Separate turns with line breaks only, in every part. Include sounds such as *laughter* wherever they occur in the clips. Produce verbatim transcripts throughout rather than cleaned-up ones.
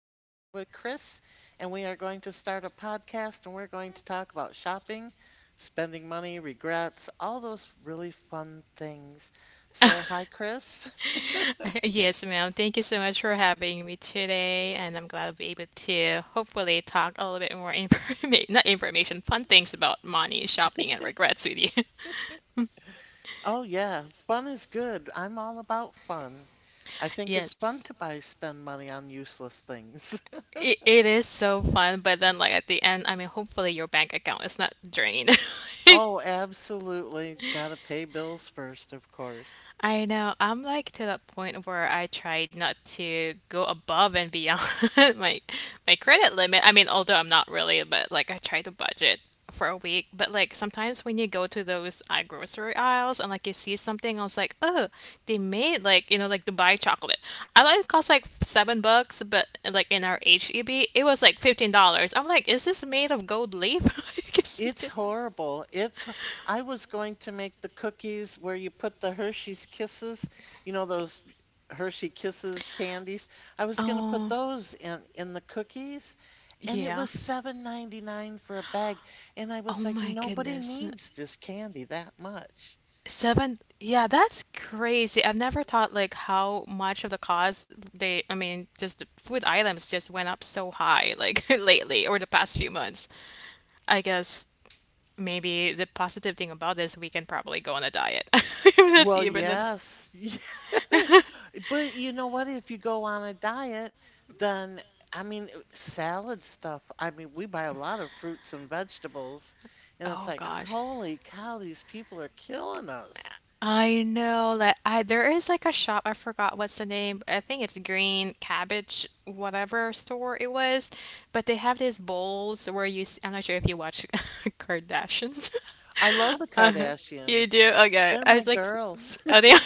I'm here with Chris, and we are going to start a podcast and we're going to talk about shopping, spending money, regrets, all those really fun things. So, hi, Chris. *laughs*
*laughs* Yes, ma'am. Thank you so much for having me today, and I'm glad I'll be able to hopefully talk a little bit more information, *laughs* not information, fun things about money, shopping, and regrets with you. *laughs*
Oh, yeah, fun is good. I'm all about fun. I think it's
Yes.
fun to buy, spend money on useless things. *laughs*
It, it is so fun, but then like at the end, I mean, hopefully your bank account is not drained. *laughs*
Oh, absolutely. Gotta pay bills first, of course.
I know. I'm like to that point where I try not to go above and beyond *laughs* my my credit limit. I mean, although I'm not really, but like I try to budget for a week. But like sometimes when you go to those uh, grocery aisles and like you see something, I was like, oh, they made like you know like Dubai chocolate. I thought it cost like seven bucks, but like in our H E B, it was like fifteen dollars. I'm like, is this made of gold leaf? *laughs* I guess we
It's
did.
horrible. It's h I was going to make the cookies where you put the Hershey's Kisses, you know, those Hershey Kisses candies. I was gonna put
Oh,
those in in the cookies, and it
yeah.
was seven ninety nine for a bag, and I
Oh
was like,
my
"Nobody
goodness.
needs this candy that much."
Seven, yeah, that's crazy. I've never thought like how much of the cost they, I mean, just the food items just went up so high like *laughs* lately or the past few months. I guess maybe the positive thing about this, we can probably go on a diet. *laughs* That's
Well,
even
yes. *laughs*
it. *laughs*
But you know what? If you go on a diet, then I mean, eh, salad stuff. I mean, we buy a lot of fruits and vegetables, and it's
Oh
like,
gosh.
holy cow, these people are killing us.
I know that I there is like a shop, I forgot what's the name. I think it's Green Cabbage, whatever store it was. But they have these bowls where you, s- I'm not sure if you watch *laughs* Kardashians. *laughs*
I love the
Uh, you
Kardashians.
do? Okay.
They're my
I like,
girls.
oh, they *laughs* are.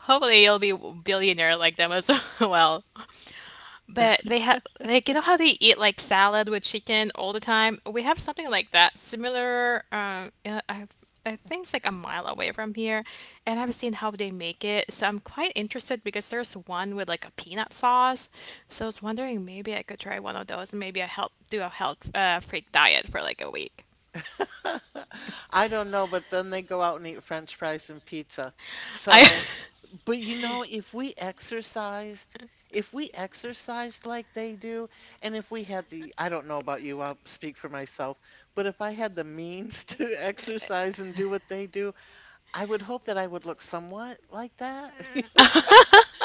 Hopefully you'll be billionaire like them as *laughs* well. But they have, like, you know how they eat like salad with chicken all the time? We have something like that, similar. Um, uh, I've, I think it's like a mile away from here, and I've seen how they make it. So I'm quite interested because there's one with like a peanut sauce. So I was wondering maybe I could try one of those and maybe I help do a health uh, freak diet for like a week.
*laughs* I don't know, but then they go out and eat French fries and pizza.
I *laughs*
So, but you know, if we exercised, if we exercised like they do, and if we had the, I don't know about you, I'll speak for myself, but if I had the means *laughs* to exercise and do what they do, I would hope that I would look somewhat like that.
*laughs*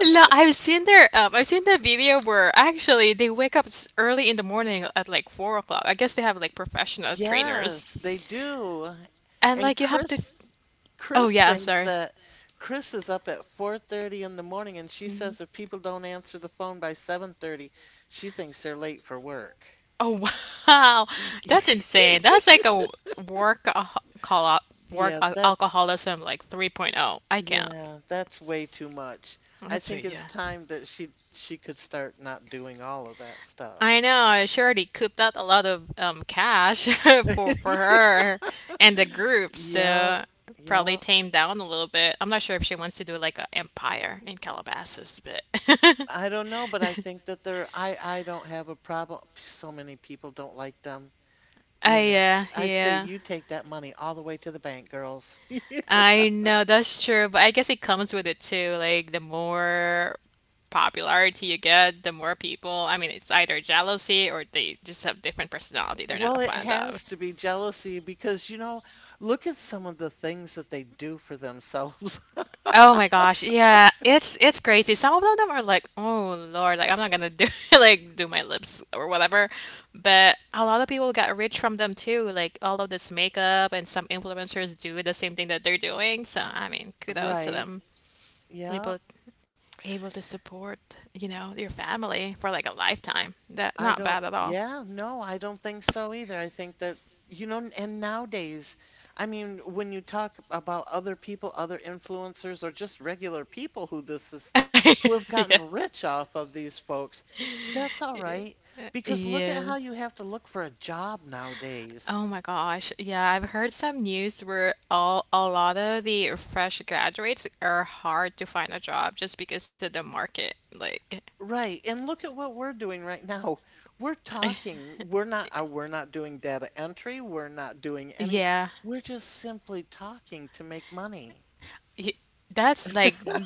No, I've seen their um, I've seen the video where actually they wake up s- early in the morning at like four o'clock. I guess they have like professional trainers,
Yes, they do.
and
And
like you have to.
Chris
Oh
Chris
yeah, I'm
thinks
sorry.
that Chris is up at four thirty in the morning, and she
Mhm.
says if people don't answer the phone by seven thirty, she thinks they're late for work.
Oh *laughs* wow,
Y-
that's
*laughs*
insane. That's like a work uh, call out work
Yeah,
al-
that's
alcoholism like 3.0. I can't.
yeah, that's way too much. I
That's
think
sweet,
it's
yeah.
time that she she could start not doing all of that stuff.
I know. uh, She already cooped up a lot of um, cash *laughs* for for
*laughs*
her and the group,
Yeah,
so probably
yeah.
tamed down a little bit. I'm not sure if she wants to do like a empire in Calabasas, but *laughs*
I don't know, but I think that they're I I don't have a problem. So many people don't like them.
I
You know,
yeah,
I say
yeah.
you take that money all the way to the bank, girls. *laughs*
I know that's true, but I guess it comes with it too. Like the more popularity you get, the more people. I mean, it's either jealousy or they just have different personality they're not a
Well, it
fan of.
has to be jealousy because, you know, look at some of the things that they do for themselves. *laughs*
Oh my gosh, yeah, it's it's crazy. Some of them are like, oh Lord, like I'm not gonna do *laughs* like do my lips or whatever. But a lot of people got rich from them too. Like all of this makeup and some influencers do the same thing that they're doing. So I mean, kudos to
Right.
them.
Yeah.
Able able to support, you know, your family for like a lifetime. That
I
not
don't,
bad at all.
yeah, no, I don't think so either. I think that, you know, and nowadays, I mean, when you talk about other people, other influencers, or just regular people who this is, who
*laughs*
have
Yeah.
gotten rich off of these folks, that's all right. Because look at how
Yeah.
you have to look for a job nowadays.
Oh my gosh. Yeah, I've heard some news where all a lot of the fresh graduates are hard to find a job just because of the market. Like,
Right. And look at what we're doing right now. *laughs* We're talking.
*laughs*
We're not, uh, we're not doing data entry. We're not doing any,
yeah.
we're just simply talking to make money.
Y- That's like,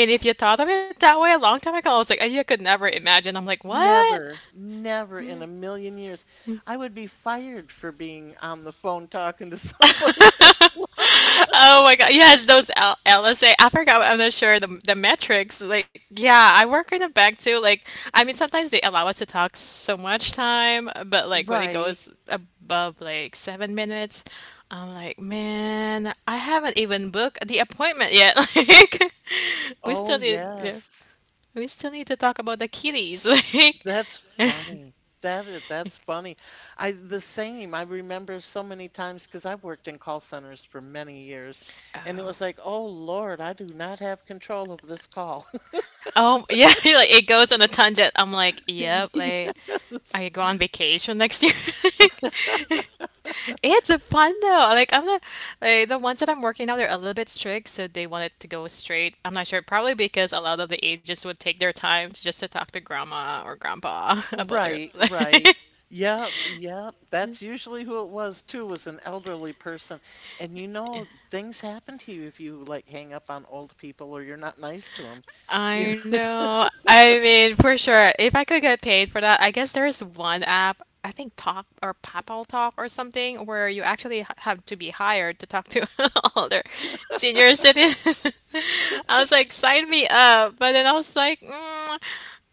I mean, if you thought of it that way a long time ago, I was like, "Oh, you could never imagine. I'm like, what?
Never, never in a million years. I would be fired for being on the phone talking to somebody *laughs* this
*laughs*
long.
Oh my God. Yes, those L LSA. I forgot. I'm not sure the the metrics. Like, yeah, I work in a bank too. Like, I mean, sometimes they allow us to talk so much time, but like when it
Right.
goes above like seven minutes, I'm like, man, I haven't even booked the appointment yet. *laughs* Like, we
Oh,
still need, yeah,
yes.
we still need to talk about the kitties. *laughs* Like,
That's
*laughs*
funny. That is, that's funny. I the same. I remember so many times because I've worked in call centers for many years, and it was
Oh.
like, oh Lord, I do not have control of this call. *laughs*
Oh, *laughs* yeah, like it goes on a tangent. I'm like, yep, like, are
Yes.
you going on vacation next year? *laughs* It's a fun though. Like I'm not like the ones that I'm working now, they're a little bit strict, so they want it to go straight. I'm not sure, probably because a lot of the agents would take their time to just to talk to grandma or grandpa *laughs* about their
Right,
*laughs*
right. Yeah, yeah. That's usually who it was too, was an elderly person. And you know, things happen to you if you like hang up on old people or you're not nice to them. You know,
I know. I mean, for sure. If I could get paid for that, I guess there's one app, I think Talk or Papal Talk or something, where you actually h- have to be hired to talk to *laughs* older senior citizens. *laughs* I was like, sign me up. But then I was like, mm,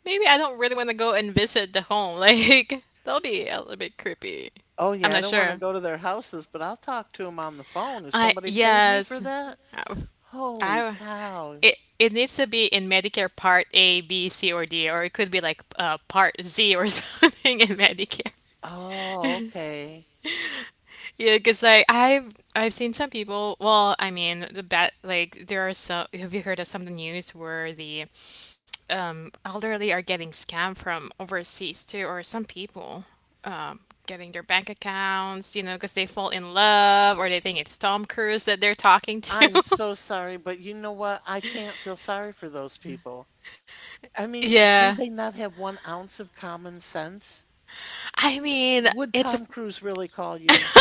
maybe I don't really want to go and visit the home. *laughs* Like, that'll be a little bit creepy.
*laughs* oh
I'm
yeah, I
not
don't want to
sure.
go to their houses, but I'll talk to them on the phone. If
I
somebody paid me for
yes.
that,
Uh,
holy
I
cow.
it it needs to be in Medicare Part A, B, C, or D, or it could be like uh, Part Z or *laughs* something in Medicare.
Oh, okay.
Yeah, because like I've I've seen some people. Well, I mean the bat like there are some. Have you heard of some of the news where the um, elderly are getting scammed from overseas too, or some people um, getting their bank accounts, you know, because they fall in love or they think it's Tom Cruise that they're talking to.
I'm
*laughs*
so sorry, but you know what? I can't feel sorry for those people. I mean, do
Yeah.
they not have one ounce of common sense?
I mean,
Would
it's
Tom Cruise really call you?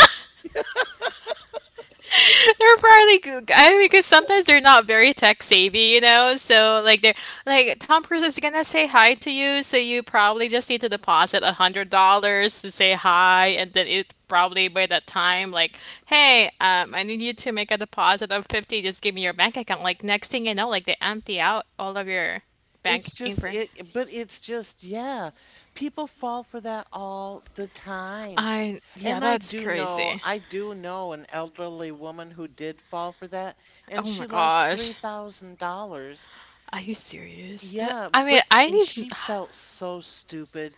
*laughs* they're probably good. I mean, because sometimes they're not very tech savvy, you know. So like they're like Tom Cruise is gonna say hi to you, so you probably just need to deposit a hundred dollars to say hi, and then it probably by that time like, hey, um, I need you to make a deposit of fifty. Just give me your bank account. Like next thing you know, like they empty out all of your bank
It's just
info.
it, but it's just, yeah, people fall for that all the time.
I yeah,
And I
that's
do know,
crazy.
I do know an elderly woman who did fall for that,
Oh
and she
my
lost
gosh.
three thousand dollars.
Are you serious? That-
Yeah,
I mean,
but
I
and
need
she felt so stupid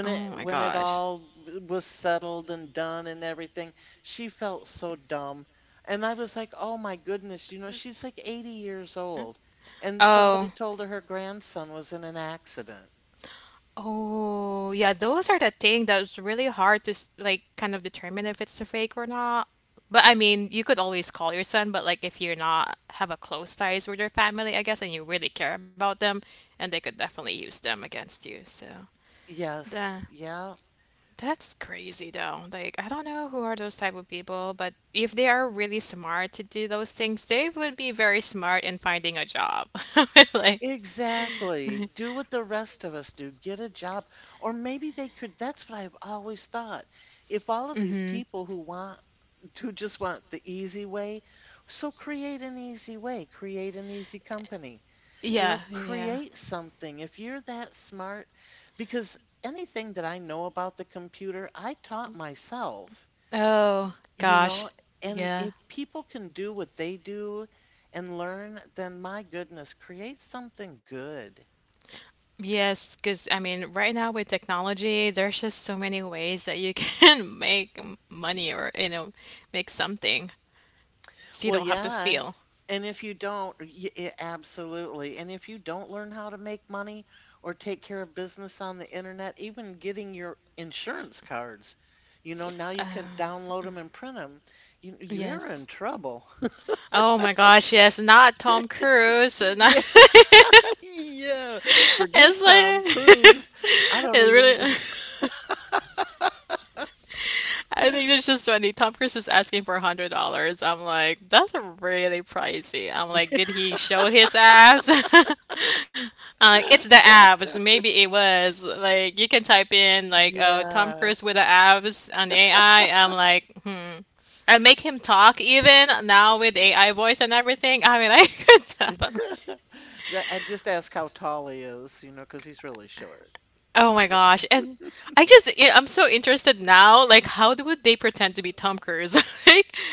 Oh
it
my
when it
gosh.
all w- was settled and done and everything. She felt so dumb. And I was like, "Oh my goodness, you know, she's like eighty years old." And somebody
Oh.
told her her grandson was in an accident.
Oh, yeah, those are the thing that's really hard to s- like kind of determine if it's a fake or not. But I mean, you could always call your son, but like if you're not have a close ties with your family, I guess, and you really care about them, and they could definitely use them against you. So,
Yes,
the
yeah.
that's crazy though. Like, I don't know who are those type of people, but if they are really smart to do those things, they would be very smart in finding a job. *laughs* Like,
Exactly. Do what the rest of us do. Get a job. Or maybe they could, that's what I've always thought. If all of these people who want who just want the easy way. So create an easy way, create an easy company. You know,
yeah, yeah.
create something. If you're that smart, because anything that I know about the computer, I taught myself,
Oh,
you know,
gosh.
and if
Yeah.
people can do what they do and learn, then my goodness, create something good.
Yes. Cause I mean, right now with technology, there's just so many ways that you can *laughs* make m- money or, you know, make something so you
Well,
don't have to
yeah.
steal.
And if you don't, y- y- absolutely. And if you don't learn how to make money or take care of business on the internet, even getting your insurance cards, you know, now you
Uh,
can download them and print them. You, you're in
yes.
trouble.
Oh my gosh, yes, not Tom Cruise. uh,
*laughs*
Not
Yeah,
*laughs*
yeah. Forget Tom
it's like
Cruise. I
*laughs* it
don't even.
really *laughs* *laughs* I think it's just funny. Tom Cruise is asking for a hundred dollars. I'm like, that's really pricey. I'm like, did he show his abs? *laughs* I'm like, it's
*laughs*
the abs. Maybe it was. Like, you can type in like, oh, Tom
Yeah.
Cruise with the abs on A I. I'm like, hmm. I make him talk even now with A I voice and everything. I mean, I *laughs* could tell.
*laughs* That- I just ask how tall he is, you know, because he's really short.
Oh my
So
gosh. And I just, I- I'm so interested now. Like, how do- would they pretend to be Tom Cruise? *laughs* Like,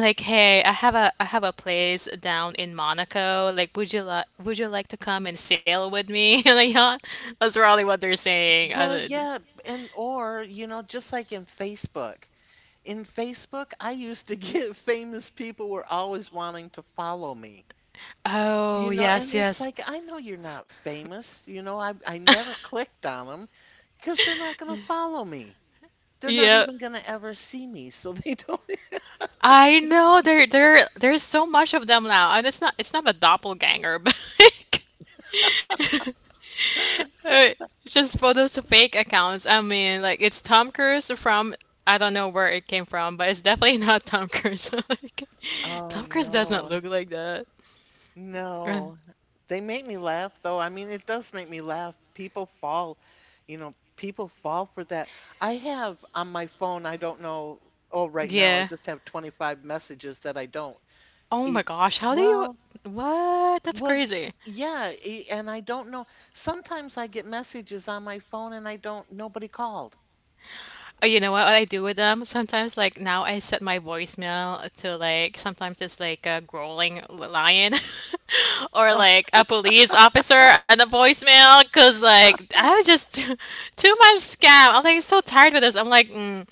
like, hey, I have a, I have a place down in Monaco. Like, would you like, would you like to come and sail with me *laughs* on a yacht? That's probably what they're saying.
well,
Uh,
yeah, and or, you know, just like in Facebook. In Facebook, I used to get *laughs* famous people were always wanting to follow me. You
Oh,
know, and
yes,
it's
yes.
like, I know you're not famous. You know, I, I never
*laughs*
clicked on them because they're not going to follow me. They're not
Yeah.
even going to ever see me, so they *laughs* don't.
I know there there there's so much of them now, and it's not it's not a doppelganger, *laughs* but like, uh, just photos of fake accounts. I mean, like it's Tom Cruise from I don't know where it came from, but it's definitely *laughs* not Tom Cruise. *laughs* Like,
Oh
Tom Cruise does not
no.
look like that. *laughs* Right.
No, they make me laugh though. I mean, it does make me laugh. People fall, you know, people fall for that. I have on my phone, I don't know, oh, right now I
Yeah.
just have twenty-five messages that I don't
Oh my
even,
gosh, how do you?
well,
What? That's
well,
crazy.
yeah, e- and I don't know. Sometimes I get messages on my phone and I don't, nobody called.
Oh, you know what, What I do with them? Sometimes, like now, I set my voicemail to like sometimes it's like a growling lion *laughs* or
*laughs*
like a police officer and a voicemail because like I was just too, too much scam. I'm like so tired with this. I'm like, mm.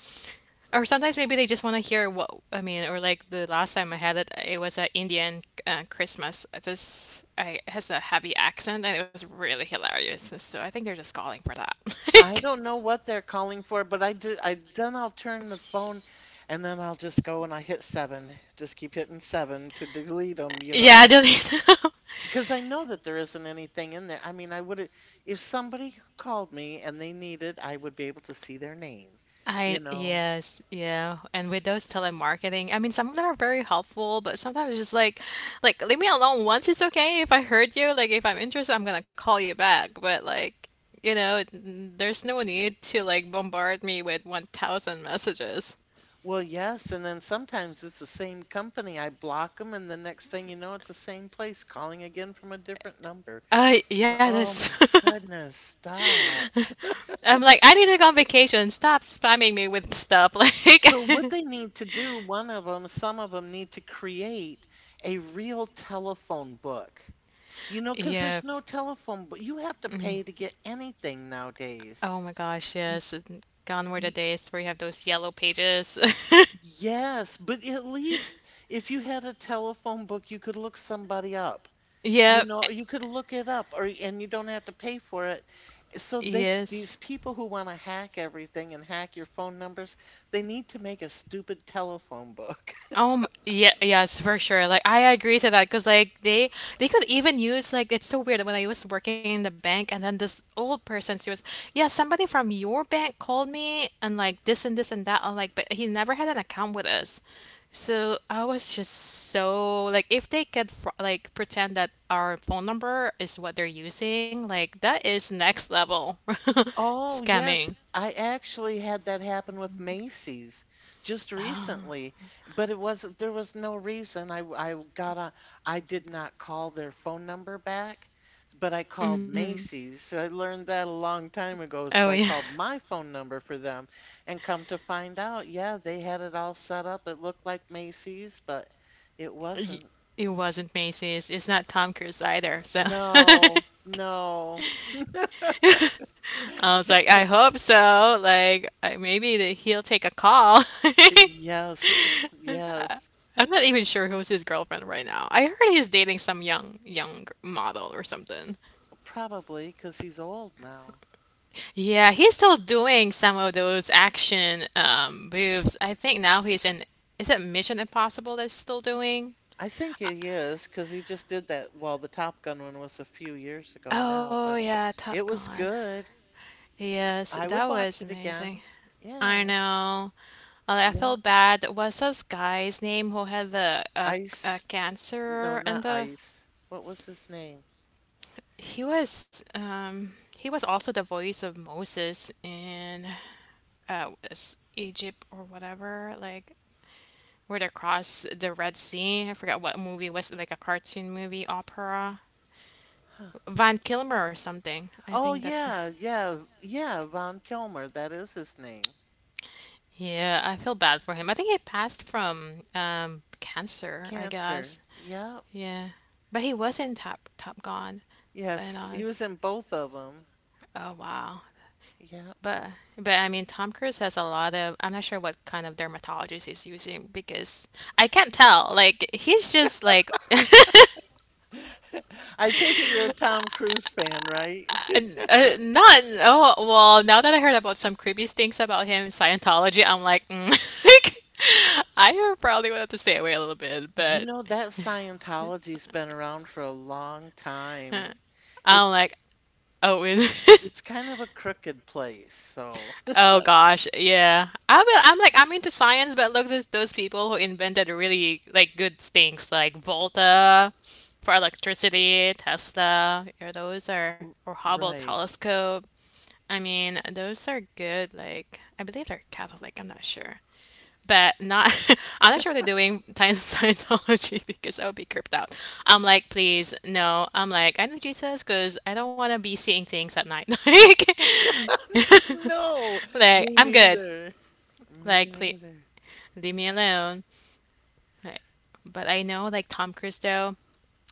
Or sometimes maybe they just want to hear what I mean. Or like the last time I had it, it was an Indian uh, Christmas. This I it has a heavy accent and it was really hilarious. So I think they're just calling for that. *laughs*
I don't know what they're calling for, but I do. I then I'll turn the phone, and then I'll just go and I hit seven. Just keep hitting seven to delete them, you
Yeah,
know,
I delete *laughs*
because I know that there isn't anything in there. I mean, I would if somebody called me and they needed, I would be able to see their name,
I
you know.
yes, yeah. And with those telemarketing, I mean, some of them are very helpful, but sometimes it's just like, like leave me alone once. It's okay if I heard you. Like if I'm interested, I'm gonna call you back. But like, you know, there's no need to like bombard me with one thousand messages.
Well, yes, and then sometimes it's the same company. I block them, and the next thing you know, it's the same place calling again from a different number.
Uh, yeah,
Oh
that's. *laughs*
my goodness, stop.
I'm like, I need to go on vacation. Stop spamming me with stuff. *laughs*
So what
Like,
they need to do, one of them, some of them need to create a real telephone book. You know, because
yeah.
there's no telephone, but you have to
mm.
pay to get anything nowadays.
Oh my gosh,
Y
yes. And gone were the
y
days where you have those yellow pages. *laughs*
yes, but at least if you had a telephone book, you could look somebody up. You
Yep. eh,
know, you could look it up, or and you don't have to pay for it. So they,
yes.
these people who want to hack everything and hack your phone numbers, they need to make a stupid telephone book.
Um, yeah, yes, for sure. Like I agree to that because like they they could even use like it's so weird when I was working in the bank, and then this old person, she was yeah, somebody from your bank called me and like this and this and that. I'm like, but he never had an account with us, so I was just so like if they could fr like pretend that our phone number is what they're using, like that is next level *laughs*
Oh,
scamming.
yes. I actually had that happen with Macy's just
*sighs*
recently, but it wasn't, there was no reason. I, I got on, I did not call their phone number back, but I
Oh,
called
mhm.
Macy's. I learned that a long time ago,
Oh
so I
yeah.
called my phone number for them and come to find out, yeah, they had it all set up. It looked like Macy's, but it
Y-
wasn't.
It wasn't Macy's. It's not Tom Cruise either. So *laughs*
No, no.
I was like, I hope so. Like, I, maybe that he'll take a call. *laughs*
Yes, yes.
I'm not even sure who's his girlfriend right now. I heard he's dating some young young gr- model or something.
Probably because he's old now.
Yeah, he's still doing some of those action um, moves. I think now he's in. Is it Mission Impossible that's still doing?
I think it is because he just did that. Well, the Top Gun one was a few years ago now,
Oh
but
yeah,
it
Top
was
Gun.
good.
Yes,
I
that
would watch
was
it
amazing.
again.
I
Yeah,
know. Uh, I
yeah.
felt bad. What's this guy's name who had the uh, uh,
Ice. No,
cancer and
not
the
Ice. What was his name?
he was um he was also the voice of Moses in uh s- Egypt or whatever, like where they cross the Red Sea. I forgot what movie was it, like a cartoon movie opera.
Huh.
Van Kilmer or something. I
Oh,
think that's
yeah, yeah, yeah. Ron Kilmer. That is his name.
yeah. I feel bad for him. I think he passed from um cancer. I guess.
Cancer. Yep.
Yeah. But he was in Top Top Gun, and
Yes,
I was
he was in both of them.
oh wow.
Yep.
But but I mean Tom Cruise has a lot of. I'm not sure what kind of dermatologist he's using because I can't tell. Like he's just like *laughs*
*laughs* I take it you're a Tom Cruise fan, right?
n- uh, not oh well, now that I heard about some creepy things about him in Scientology, I'm like mm, *laughs* like I probably would have to stay away a little bit
You
but
know, that Scientology's been around for a long time. It
I'm like oh is *laughs*
it's kind of a crooked place, so
Oh gosh, yeah. I'm I'm like I'm into science, but look those those people who invented really like good things like Volta for electricity, Tesla, you know, those are or
*laughs*
Hubble
right.
telescope. I mean, those are good. Like I believe they're Catholic. I'm not sure, but not. *laughs* I'm not sure they're doing science Scientology *laughs* because I would be creeped out. I'm like, please, no. I'm like, I know Jesus because I don't want to be seeing things at night. *laughs* Like.
No,
Like,
me
I'm good.
neither. Me
Like, please
neither.
leave me alone. Like, but I know, like Tom Cruise, though,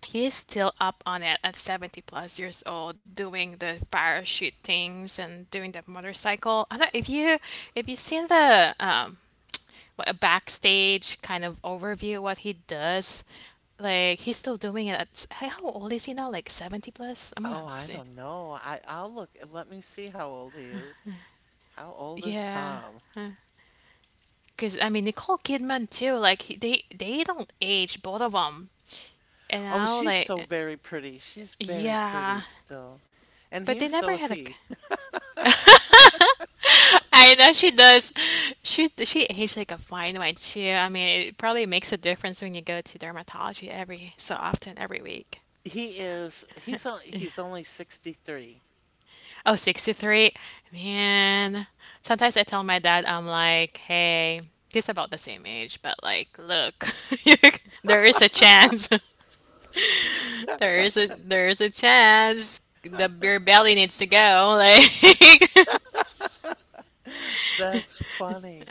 he is still up on it at seventy plus years old, doing the parachute things and doing the motorcycle. I don't if you if you seen the um, what a backstage kind of overview of what he does. Like he's still doing it. At, how old is he now? Like seventy plus? I'm gonna
Oh, I
see.
don't know. I I'll look. Let me see how old he is. How old is
Yeah,
Tom?
because I mean Nicole Kidman too. Like he, they they don't age, both of them. And
Oh,
now
she's
like
so very pretty. She's very pretty
yeah,
still. And
but
he's
they
so
never
is
had a. c-
he.
I know she does. She she aged like a fine wine too. I mean, it probably makes a difference when you go to dermatology every so often, every week.
He is he's o- he's only sixty-three.
Oh, sixty three, man. Sometimes I tell my dad, I'm like, hey, he's about the same age, but like, look, *laughs* there is a chance. *laughs* There is a there is a chance. The
*laughs*
beer belly needs to go. Like *laughs*
That's funny.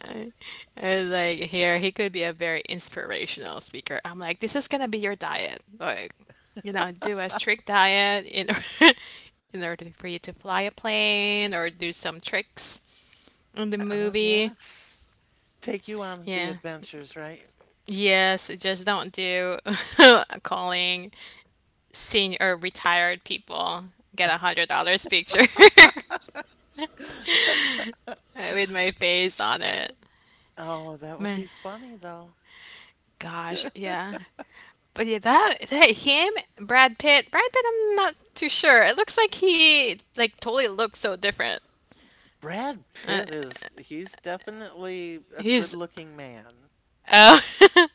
I like, here, he could be a very inspirational speaker. I'm like, this is gonna be your diet. Like, you know, do a strict diet in order, *laughs* in order for you to fly a plane or do some tricks on the
Oh,
movie.
yes. Take you on the
Yeah.
adventures, right?
Yes, just don't do *laughs* calling senior or retired people. Get a hundred dollars picture *laughs* with my face on it.
Oh, that would be
My
funny, though.
gosh, yeah. But yeah, that that him, Brad Pitt, Brad Pitt, I'm not too sure. It looks like he like totally looks so different.
Brad
Uh,
Pitt is, he's definitely a
he's
good-looking man.
oh, *laughs*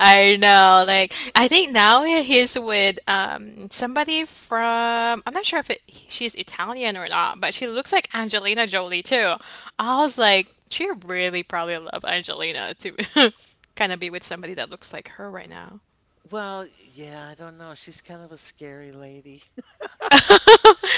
I know. Like I think now he's with um somebody from. I'm not sure if it, she's Italian or not, but she looks like Angelina Jolie too. I was like, she really probably love Angelina to *laughs* kind of be with somebody that looks like her right now.
Well, yeah, I don't know. She's kind of a scary lady.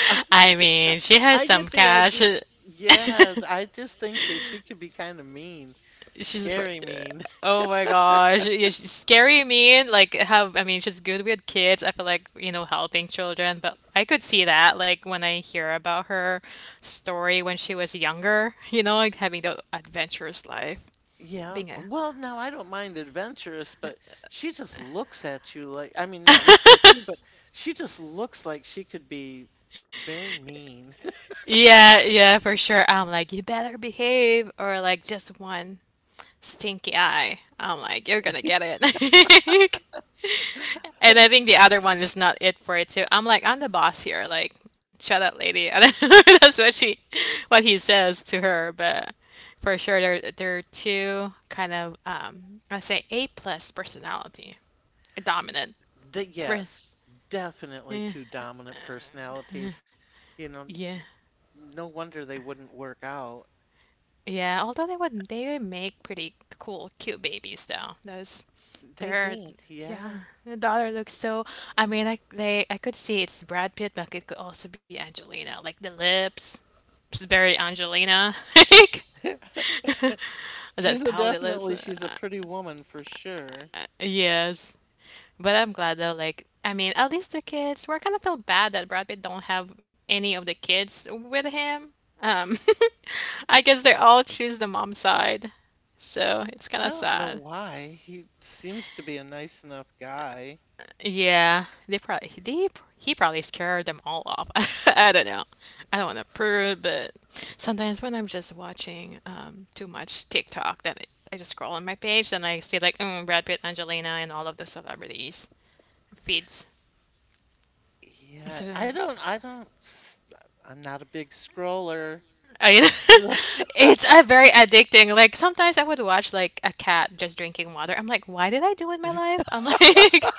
*laughs* I,
I mean, she has
I
some
get the
cash.
idea. Yeah, I just think that she could be kind of mean,
She's pr-
scary mean. *laughs*
oh my gosh yeah, she's scary mean. Like how, I mean, she's good with kids, I feel like, you know, helping children, but I could see that like when I hear about her story when she was younger, *laughs* you know, like having the adventurous life
Yeah.
being a
Well, no, I don't mind adventurous, but she just looks at you like, I mean, not looks at you, but she just looks like she could be very mean.
yeah, yeah, for sure. I'm like, you better behave or like just one stinky eye. I'm like, you're gonna get it. *laughs* And I think the other one is not it for it too. I'm like, I'm the boss here. Like, shut up, lady. *laughs* I don't know if that's what she, what he says to her. But for sure, they're they're two kind of um, I say A plus personality, dominant.
The,
Re-
yes, definitely two
eh,
dominant personalities. You know,
yeah,
no wonder they wouldn't work out.
yeah. Although they would they would make pretty cool, cute babies though. Those
They
they're,
did, yeah.
yeah, the daughter looks so. I mean, I they I could see it's Brad Pitt, but it could also be Angelina. Like the lips, it's very Angelina. *laughs* Like
*laughs* She's
that
a
pouty lips.
definitely
Uh,
she's a pretty woman for sure.
yes, but I'm glad though. Like, I mean, at least the kids. We're kind of feel bad that Brad Pitt don't have any of the kids with him. Um, *laughs* I guess they all choose the mom side, so it's kind
I
of
don't know
sad.
why. He seems to be a nice enough guy.
Yeah, they probably they he probably scared them all off. *laughs* I don't know. I don't want to prove, but sometimes when I'm just watching um, too much TikTok, then I just scroll on my page, then I see like mm, Brad Pitt, Angelina, and all of the celebrities feeds.
Yeah,
So
I don't I don't s- I'm not a big scroller.
I, *laughs*
So
it's a very addicting. Like sometimes I would watch like a cat just drinking water. I'm like, why did I do it in my life? I'm like,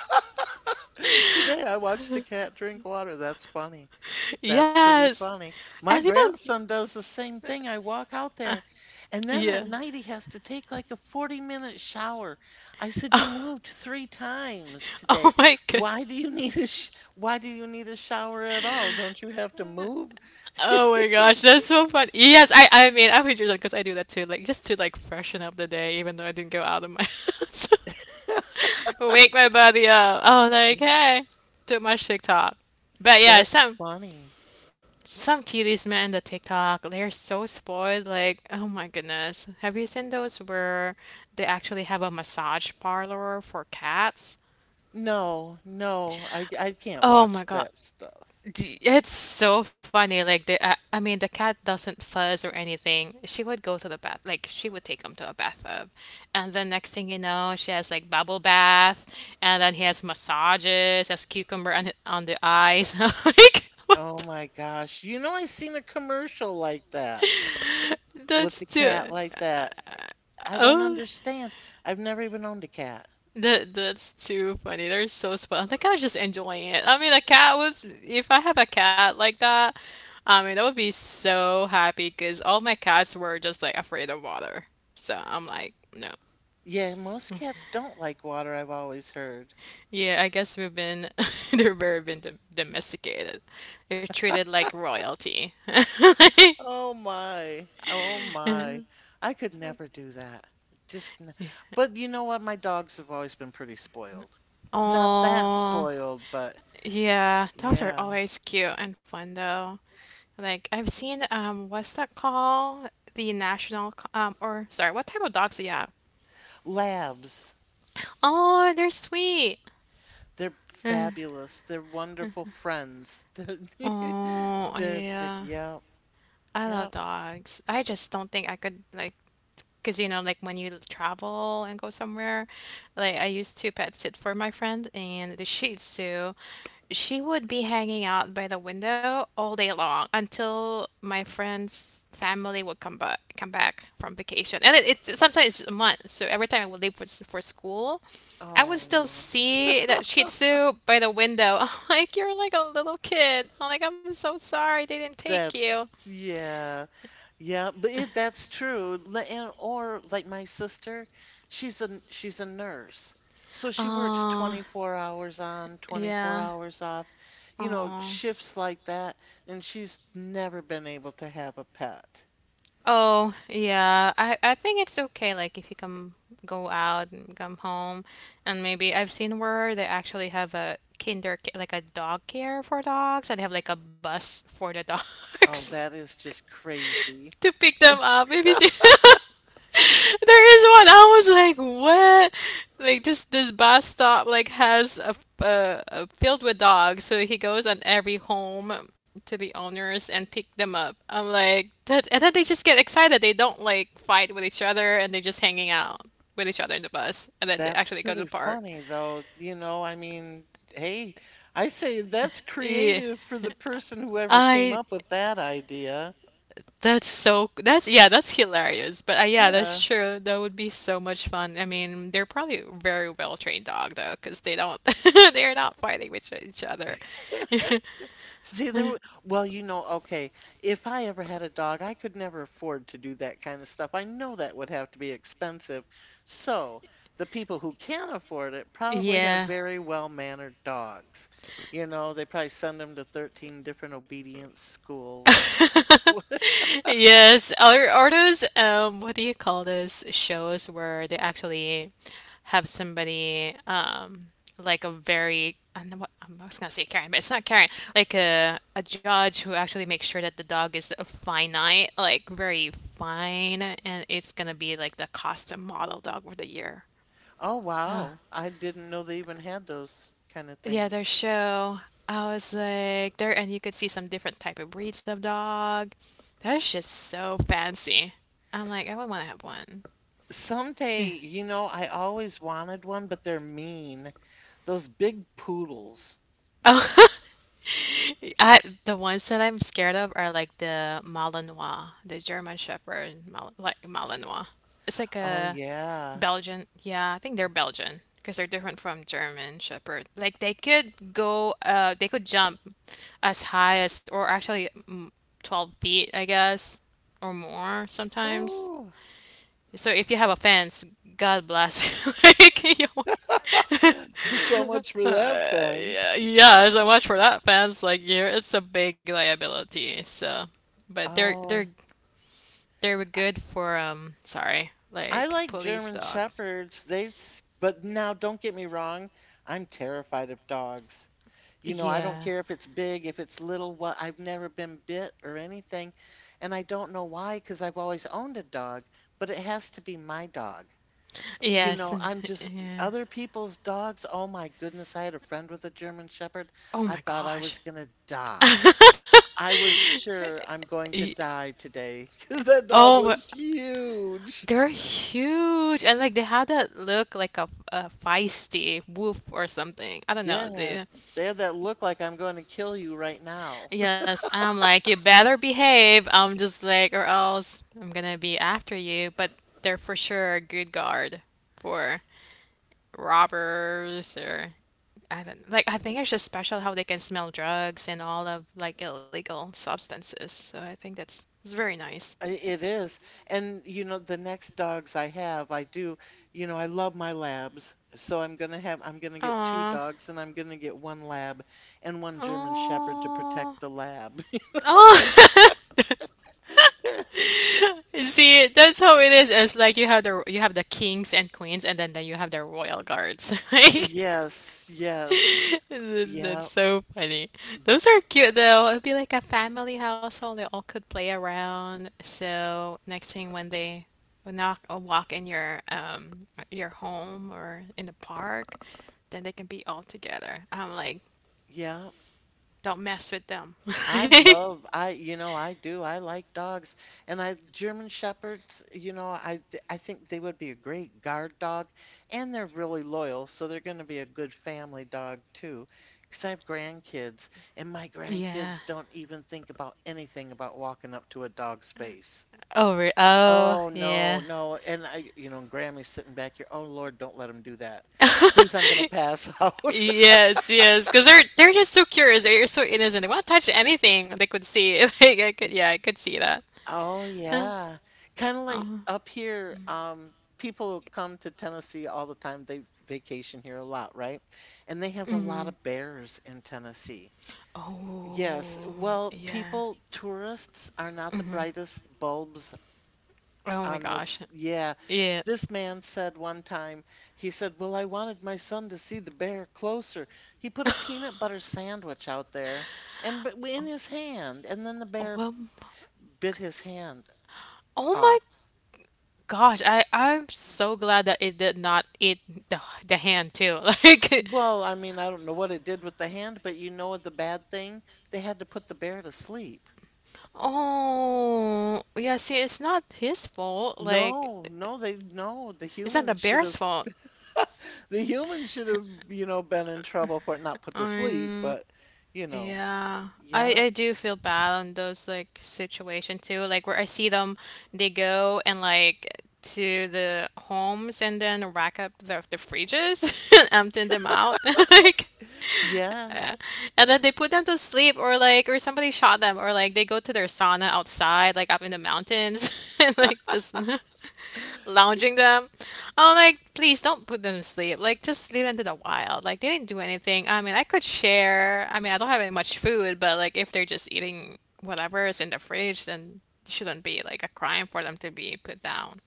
*laughs* today I watched a cat drink water. That's funny.
*laughs*
That's pretty
yes,
funny. My
and people,
grandson does the same thing. I walk out there, and then at
yeah.
night he has to take like a forty minute shower. I said, "You
Oh
moved three times
*laughs*
today.
oh my gosh.
Why do you *laughs* need a sh why do you need a shower at all? Don't you have to move?"
Oh my gosh, that's so funny. Yes, I I mean I would do that because I do that too, like just to like freshen up the day, even though I didn't go out of my *laughs* house. Wake my body up. Oh, like hey, too much TikTok. But yeah,
That's
some
funny.
some kiddies, man, the TikTok, they're so spoiled. Like, oh my goodness, have you seen those where they actually have a massage parlor for cats?
No, no, I I can't
Oh
watch
my God.
that stuff.
D- It's so funny. Like the, I, I mean, the cat doesn't fuzz or anything. She would go to the bath, like she would take him to a bathtub, and then next thing you know, she has like bubble bath, and then he has massages, has cucumber on the- on the eyes. *laughs* Like
Oh
what?
my gosh. You know I seen a commercial like that
the- That's
with the
too.
cat like that.
uh,
I don't
oh.
understand. I've never even owned a cat.
That that's too funny. They're so spoiled. The cat was just enjoying it. I mean, the cat was. If I have a cat like that, I mean, I would be so happy because all my cats were just like afraid of water. So I'm like, no.
Yeah, most cats don't like water, I've always heard.
Yeah, I guess we've been *laughs* they're very been dom- domesticated. They're treated like royalty. *laughs*
Oh my. Oh my. I could never do that. Just n But you know what? My dogs have always been pretty spoiled. Not that
Oh,
spoiled, but
yeah. Dogs are
yeah.
always cute and fun though. Like I've seen um what's that called? The national co- um or sorry, what type of dogs do you have?
Labs.
Oh, they're sweet.
They're
*sighs*
fabulous. They're wonderful friends. *laughs* They're *laughs*
Oh,
they're the,
yeah.
yeah.
I love
Yeah.
dogs. I just don't think I could like because, you know, like when you travel and go somewhere, like I used to pet sit for my friend and the Shih Tzu, she would be hanging out by the window all day long until my friend's family would come back come back from vacation. And it, it sometimes it's a month. So every time I would leave for, s- for school, I would still
Oh,
see that Shih Tzu by the window. *laughs* I'm like, you're like a little kid. I'm like, I'm so sorry they didn't take you.
that's yeah. Yeah, but it, that's true. Li- And, or like my sister, she's a she's a nurse. So she works
Oh,
twenty-four hours on, twenty-four
yeah.
hours off, you know,
Oh.
shifts like that, and she's never been able to have a pet.
Oh, yeah. I I think it's okay like if you come go out and come home and maybe I've seen where they actually have a kinder ca- like a dog care for dogs, and they have like a bus for the
Oh,
dogs.
that
*laughs*
is just crazy.
to pick them up. Maybe babysit. *laughs* There is one. I was like, what? Like this this bus stop like has a, uh, a filled with dogs. So he goes on every home to the owners and pick them up. I'm like that, and then they just get excited. They don't like fight with each other, and they're just hanging out with each other in the bus, and then they
That's
actually go to
pretty
the park.
funny
*laughs*
though, you know, I mean, hey, I say that's
Yeah.
creative for the person whoever came
I
up with that idea.
That's so, that's, yeah, that's hilarious. But uh, yeah,
Yeah.
that's true. That would be so much fun. I mean, they're probably very well trained dog though, because they don't, *laughs* they're not fighting with each other. *laughs*
See, there, w- well, you know, okay, if I ever had a dog, I could never afford to do that kind of stuff. I know that would have to be expensive. So the people who can afford it probably have
Yeah.
very well-mannered dogs. You know, they probably send them to thirteen different obedience schools.
*laughs*
*laughs*
Yes, are are those um what do you call those shows where they actually have somebody um like a very I don't know what I was gonna say Karen, but it's not Karen, like a a judge who actually makes sure that the dog is a finite, like very fine, and it's gonna be like the costume model dog for the year.
Oh, wow. I didn't know they even had those kind of
Yeah, their
things.
show. I was like there, and you could see some different type of breeds of dog. That is just so fancy. I'm like, I would want to have one.
Someday,
Yeah.
you know, I always wanted one, but they're mean. Those big poodles.
Oh, *laughs* I the ones that I'm scared of are like the Malinois, the German Shepherd, Mal like Malinois. It's like
Oh,
a
yeah.
Belgian. Yeah, I think they're Belgian because they're different from German Shepherd. Like they could go, uh, they could jump as high as, or actually mm, twelve feet, I guess, or more sometimes.
Ooh.
So if you have a fence, God bless you. *laughs* Like, you want- *laughs* uh,
*laughs* So much for that fence.
yeah, yeah, so much for that fence. Like, you're, it's a big liability. So, but they're they're
Oh,
they were
I,
good for um sorry,
I
like
like
police
German
dog.
Shepherds. They, s- but now don't get me wrong, I'm terrified of dogs. You know, I don't
Yeah.
care if it's big, if it's little, what, I've never been bit or anything. And I don't know why, because I've always owned a dog, but it has to be my dog. You
Yes.
know,
*laughs*
I'm just
Yeah.
other people's dogs. Oh my goodness, I had a friend with a German Shepherd.
Oh
I
my
thought I
gosh.
was gonna die.
*laughs*
I was sure I'm going to
Y-
die today *laughs* because that dog
Oh,
was huge.
they're huge, and like they had that look like a, a feisty wolf or something. I don't know.
Yeah,
They,
they have that look like I'm going to kill you right now.
yes, I'm like, you better behave. I'm just like, or else I'm gonna be after you. But they're for sure a good guard for robbers or I don't like I think it's just special how they can smell drugs and all of like illegal substances. So I think that's it's very nice.
*laughs* I- It is. And, you know, the next dogs I have, I do, you know, I love my labs. So I'm going to have, I'm going to get two
Aw.
dogs and I'm going to get one lab and one German Shepherd to protect the
Oh.
lab. *laughs*
Oh. *laughs* See, that's how it is. It's like you have the you have the kings and queens and then, then you have the royal guards. *laughs* Like
Yes, yes.
*laughs* That's
Yeah,
so funny. Those are cute though. It'd be like a family household. They all could play around. So next thing when they when knock or walk in your um your home or in the park, then they can be all together. I'm like,
yeah.
don't mess with them.
I
*laughs*
love, I, you know, I do, I like dogs and I German shepherds, you know, I th- I think they would be a great guard dog, and they're really loyal, so they're going to be a good family dog too, because I have grandkids, and my
Yeah.
grandkids don't even think about anything about walking up to a dog's face.
Oh, re- oh,
Oh no,
yeah.
no, and I, you know, Grammy's sitting back here. Oh Lord, don't let him do that, please. I'm going to
*laughs*
pass *laughs* out.
Yes, yes, because they're they're just so curious. They're so innocent. They won't touch anything. They could see. *laughs* Like I could, yeah, I could see
Oh,
Uh,
yeah. Kind of like
uh,
up here, um, people come to Tennessee all the time. They vacation here a lot, right? And they have a lot
hmm.
of bears in Tennessee. Yes.
Oh,
Well,
yeah.
people, tourists are not the
Hmm.
brightest bulbs
Oh my
on the,
gosh.
yeah.
Yeah.
This man said one time, he said, Well, I wanted my son to see the bear closer. He put a peanut butter sandwich out there and b- in his hand, and then the
Oh,
bear
well, m-
bit his hand.
oh my gosh. I I'm so glad that it did not eat the the hand too. *laughs* Like,
Well, I mean, I don't know what it did with the hand, but you know the bad thing? They had to put the bear to sleep.
oh yeah. See, it's not his fault. Like,
No, no, they no, the
it's not the
humans should
bear's
have
fault.
*laughs* the humans should have, you know, been in trouble for it, not put to sleep,
Um,
but you know,
Yeah. I
yeah,
I do feel bad on those like situation too, like where I see them they go and like to the homes and then rack up the the fridges *laughs* and empty them out. *laughs* Like
yeah.
yeah, and then they put them to sleep or like or somebody shot them or like they go to their sauna outside like up in the mountains *laughs* and like just *laughs* lounging them. I'm like, please don't put them to sleep. Like just leave them to the wild. Like they didn't do anything. I mean, I could share. I mean, I don't have any much food, but like if they're just eating whatever is in the fridge, then it shouldn't be like a crime for them to be put down,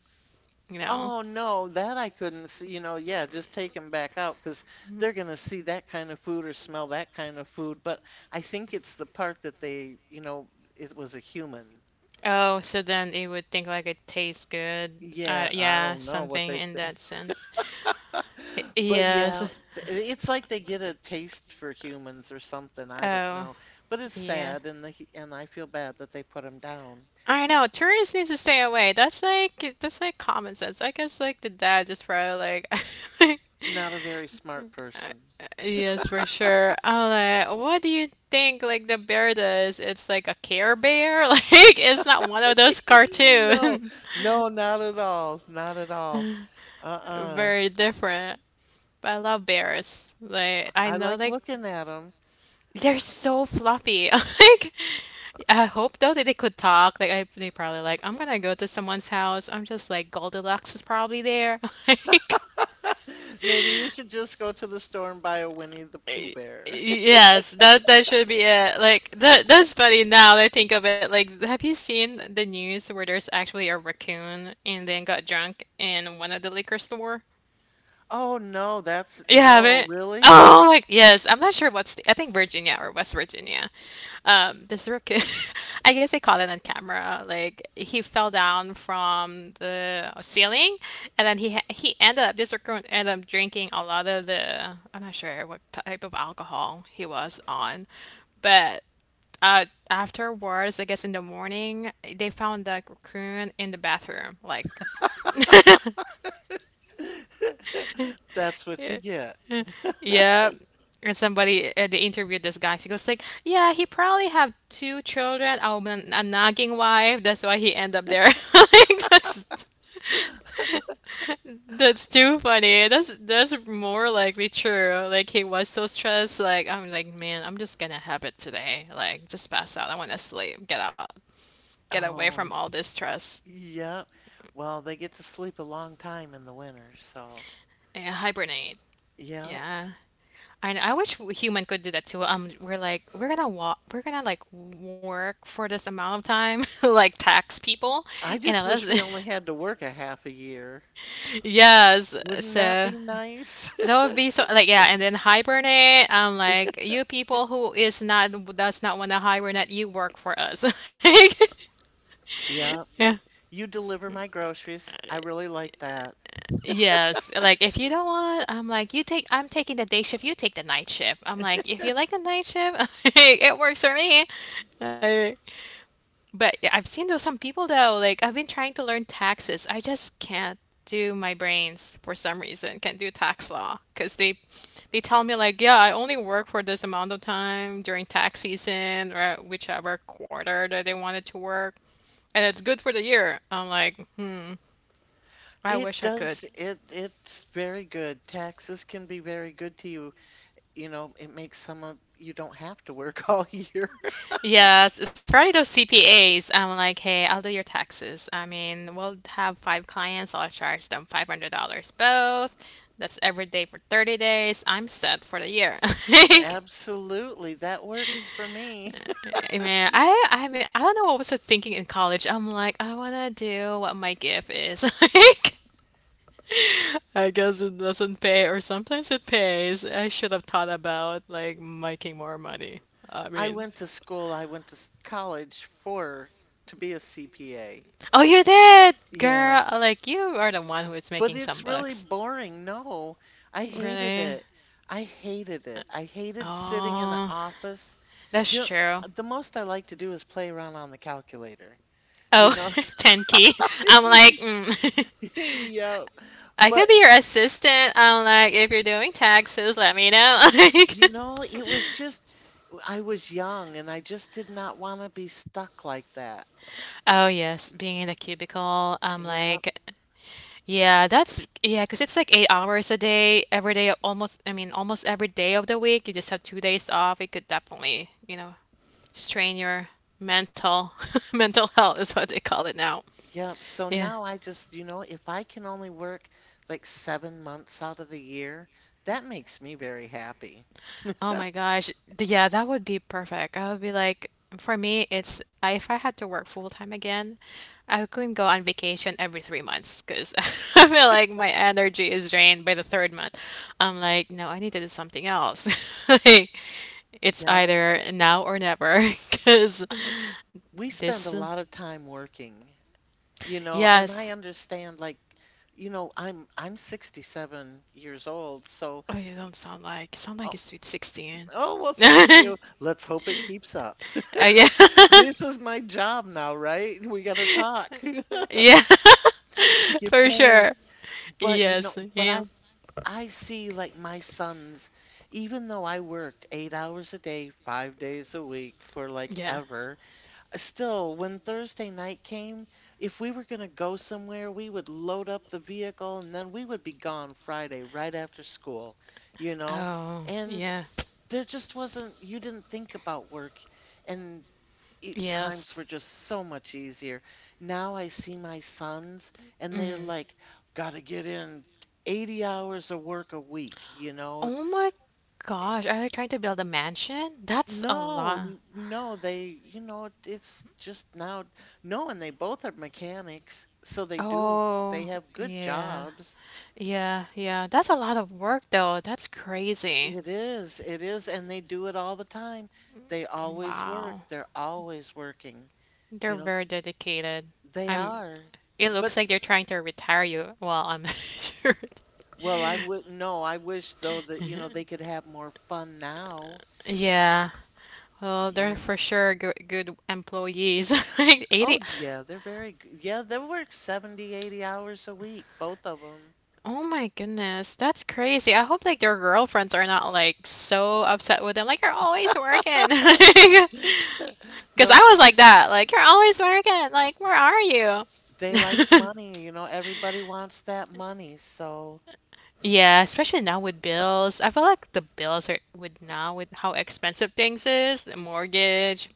you know?
Oh no, that I couldn't see. You know, yeah, just take them back out, because they're gonna see that kind of food or smell that kind of food. But I think it's the part that they, you know, it was a human.
Oh, so
S-
then it would think like it tastes good. Uh,
Yeah, I
yeah,
don't know what
something
they
in that sense.
*laughs*
Y-
But
Yes.
yeah, th- it's like they get a taste for humans or something. I don't
Oh,
know. But it's
yeah.
sad, and the hu- and I feel bad that they put him down.
I know. Tourists need to stay away. That's like that's like common sense. I guess like the dad just probably like
Not a very
*laughs*
smart person.
Yes, for sure. I'm like, what do you think like the bear does? It's like a Care Bear? *laughs* Like it's not one of those
*laughs* No,
cartoons.
no, not at all. Not at all.
*laughs*
Uh-uh.
Very different. But I love bears. Like I
I
know
like
like
looking at them.
they're so fluffy. *laughs* Like, I hope though that they could talk. Like, I, they probably like, I'm gonna go to someone's house. I'm just like, Goldilocks is probably there. *laughs* Like,
*laughs* Maybe you should just go to the store and buy a Winnie the Pooh
y-
bear. *laughs*
yes, that that should be it. Like, that that's funny now that I think of it. Like, have you seen the news where there's actually a raccoon and then got drunk in one of the liquor store?
Oh no, that's
You
no,
haven't? *laughs*
really?
Oh my, yes. I'm not sure what's the, I think Virginia or West Virginia. Um, this rookie, *laughs* I guess they caught it on camera. Like he fell down from the ceiling, and then he ha- he ended up this recruit ended up drinking a lot of the I'm not sure what type of alcohol he was on, but uh, afterwards, I guess in the morning, they found that cocoon in the bathroom. Like,
*laughs* That's what you
*laughs*
get.
Yep. And somebody uh, they interviewed this guy. She goes like, "Yeah, he probably have two children, a, woman- a nagging wife. That's why he end up there." *laughs* Like that's that's too funny. That's that's more likely true. Like he was so stressed. Like I'm like, man, I'm just gonna have it today. Like just pass out. I want to sleep. Get out. Get away from
Oh,
all this stress.
yep. Well, they get to sleep a long time in the winter, so
Yeah, hibernate.
yeah.
Yeah. I know. I wish w- human could do that too. Um, we're like we're gonna walk, we're gonna like work for this amount of time, *laughs* like tax people,
I
you know.
just wish
That's,
we only had to work a half a year.
*laughs* yes,
Wouldn't that
so
be nice? *laughs*
that would be so like yeah, and then hibernate. I'm like you people who is not does not want to hibernate, you work for us. *laughs* Like,
Yep.
yeah.
You deliver my groceries. I really like that.
Yes, like if you don't want, I'm like you take. I'm taking the day shift. You take the night shift. I'm like if you like the night shift, *laughs* it works for me. Like, but yeah, I've seen though some people though, like I've been trying to learn taxes. I just can't do my brains for some reason. Can't do tax law because they they tell me like, yeah, I only work for this amount of time during tax season or whichever quarter that they wanted to work, and it's good for the year. I'm like, hmm, I
It
wish I
does,
could.
it it's very good. Taxes can be very good to you. You know, it makes some of you don't have to work *laughs* all year.
Yes, it's probably those C P As. I'm like, hey, I'll do your taxes. I mean, we'll have five clients. I'll charge them five hundred dollars both. That's every day for thirty days. I'm set for the year. *laughs*
Absolutely. That works for me.
Like, I mean, I, I mean, I don't know what was I thinking in college. I'm like, I want to do what my gift is. *laughs* Like, I guess it doesn't pay, or sometimes it pays. I should have thought about like making more money. I
I
mean,
went to school, I went to s- college for to be a C P A.
Oh, you did, girl.
Yes.
Like you are the one who is
But
making
it's
some
really
bucks,
boring. No, I hated
really?
it. I hated it. I hated sitting in the
Oh,
office. The,
that's true.
the most I like to do is play around on the calculator, you
Oh,
know?
*laughs* Tenki. I'm like, mm.
*laughs* Yep.
*laughs* I
But,
could be your assistant. I'm like, if you're doing taxes, let me know. *laughs* Like,
you know, it was just, I was young and I just did not want to be stuck like that.
oh yes, being in the cubicle. I'm
Yep.
like, yeah, that's yeah, 'cause it's like eight hours a day, every day, almost. I mean, almost every day of the week. You just have two days off. It could definitely, you know, strain your mental *laughs* mental health is what they call it now.
Yep. So
Yeah.
now I just, you know, if I can only work like seven months out of the year, that makes me very happy.
Oh my gosh. D- Yeah, that would be perfect. I would be like, for me, it's I, if I had to work full time again, I couldn't go on vacation every three months because *laughs* I feel like my energy is drained by the third month. I'm like, no, I need to do something else. *laughs* Like, it's
Yep.
either now or never *laughs* because
We spend a
this.
lot of time working, you know, and I
Yes.
understand, like, you know, I'm I'm sixty-seven years old, so
Oh, you don't sound like sound like
oh,
a sweet sixteen.
oh well,
*laughs*
thank you. Let's hope it keeps up. *laughs*
Oh yeah.
This is my job now, right? We got to talk *laughs* to
*laughs* Yeah. *laughs*
get
For
paid.
sure.
But you know,
Yes.
but
Yeah.
I I see, like, my sons, even though I worked eight hours a day, five days a week for like
Yeah.
ever, still, when Thursday night came, if we were going to go somewhere, we would load up the vehicle and then we would be gone Friday right after school, you know?
Oh,
And
yeah.
there just wasn't, you didn't think about work, and it,
Yes.
times were just so much easier. Now I see my sons and they're
Hmm.
like, gotta get in eighty hours of work a week, you know?
Oh my gosh, are they trying to build a mansion? That's a
No,
lot.
n- no, they, you know, it- it's just now. No, and they both are mechanics, so they do, they
Oh,
have good
yeah.
jobs.
Yeah, yeah. That's a lot of work though. That's crazy.
It is, it is, and they do it all the time. They always work.
Wow.
They're always working.
They're
You know,
very dedicated.
they
I'm
are.
it
But,
looks like they're trying to retire you. Well, I'm *laughs* not sure.
well, I would, no, I wish though that, you know, they could have more fun now.
Yeah. Well, they're
Yeah.
for sure good, good employees. *laughs* Like eighty.
Oh, yeah, they're very, g- yeah, they work seventy, eighty hours a week, both of them.
Oh my goodness. That's crazy. I hope like their girlfriends are not like so upset with them. Like you're always working. *laughs*
*laughs*
Because I
No,
was like that. Like you're always working. Like where are
they like
you? *laughs*
money, you know, everybody wants that money. So,
Yeah, especially now with bills. I feel like the bills are with now with how expensive things is, the mortgage,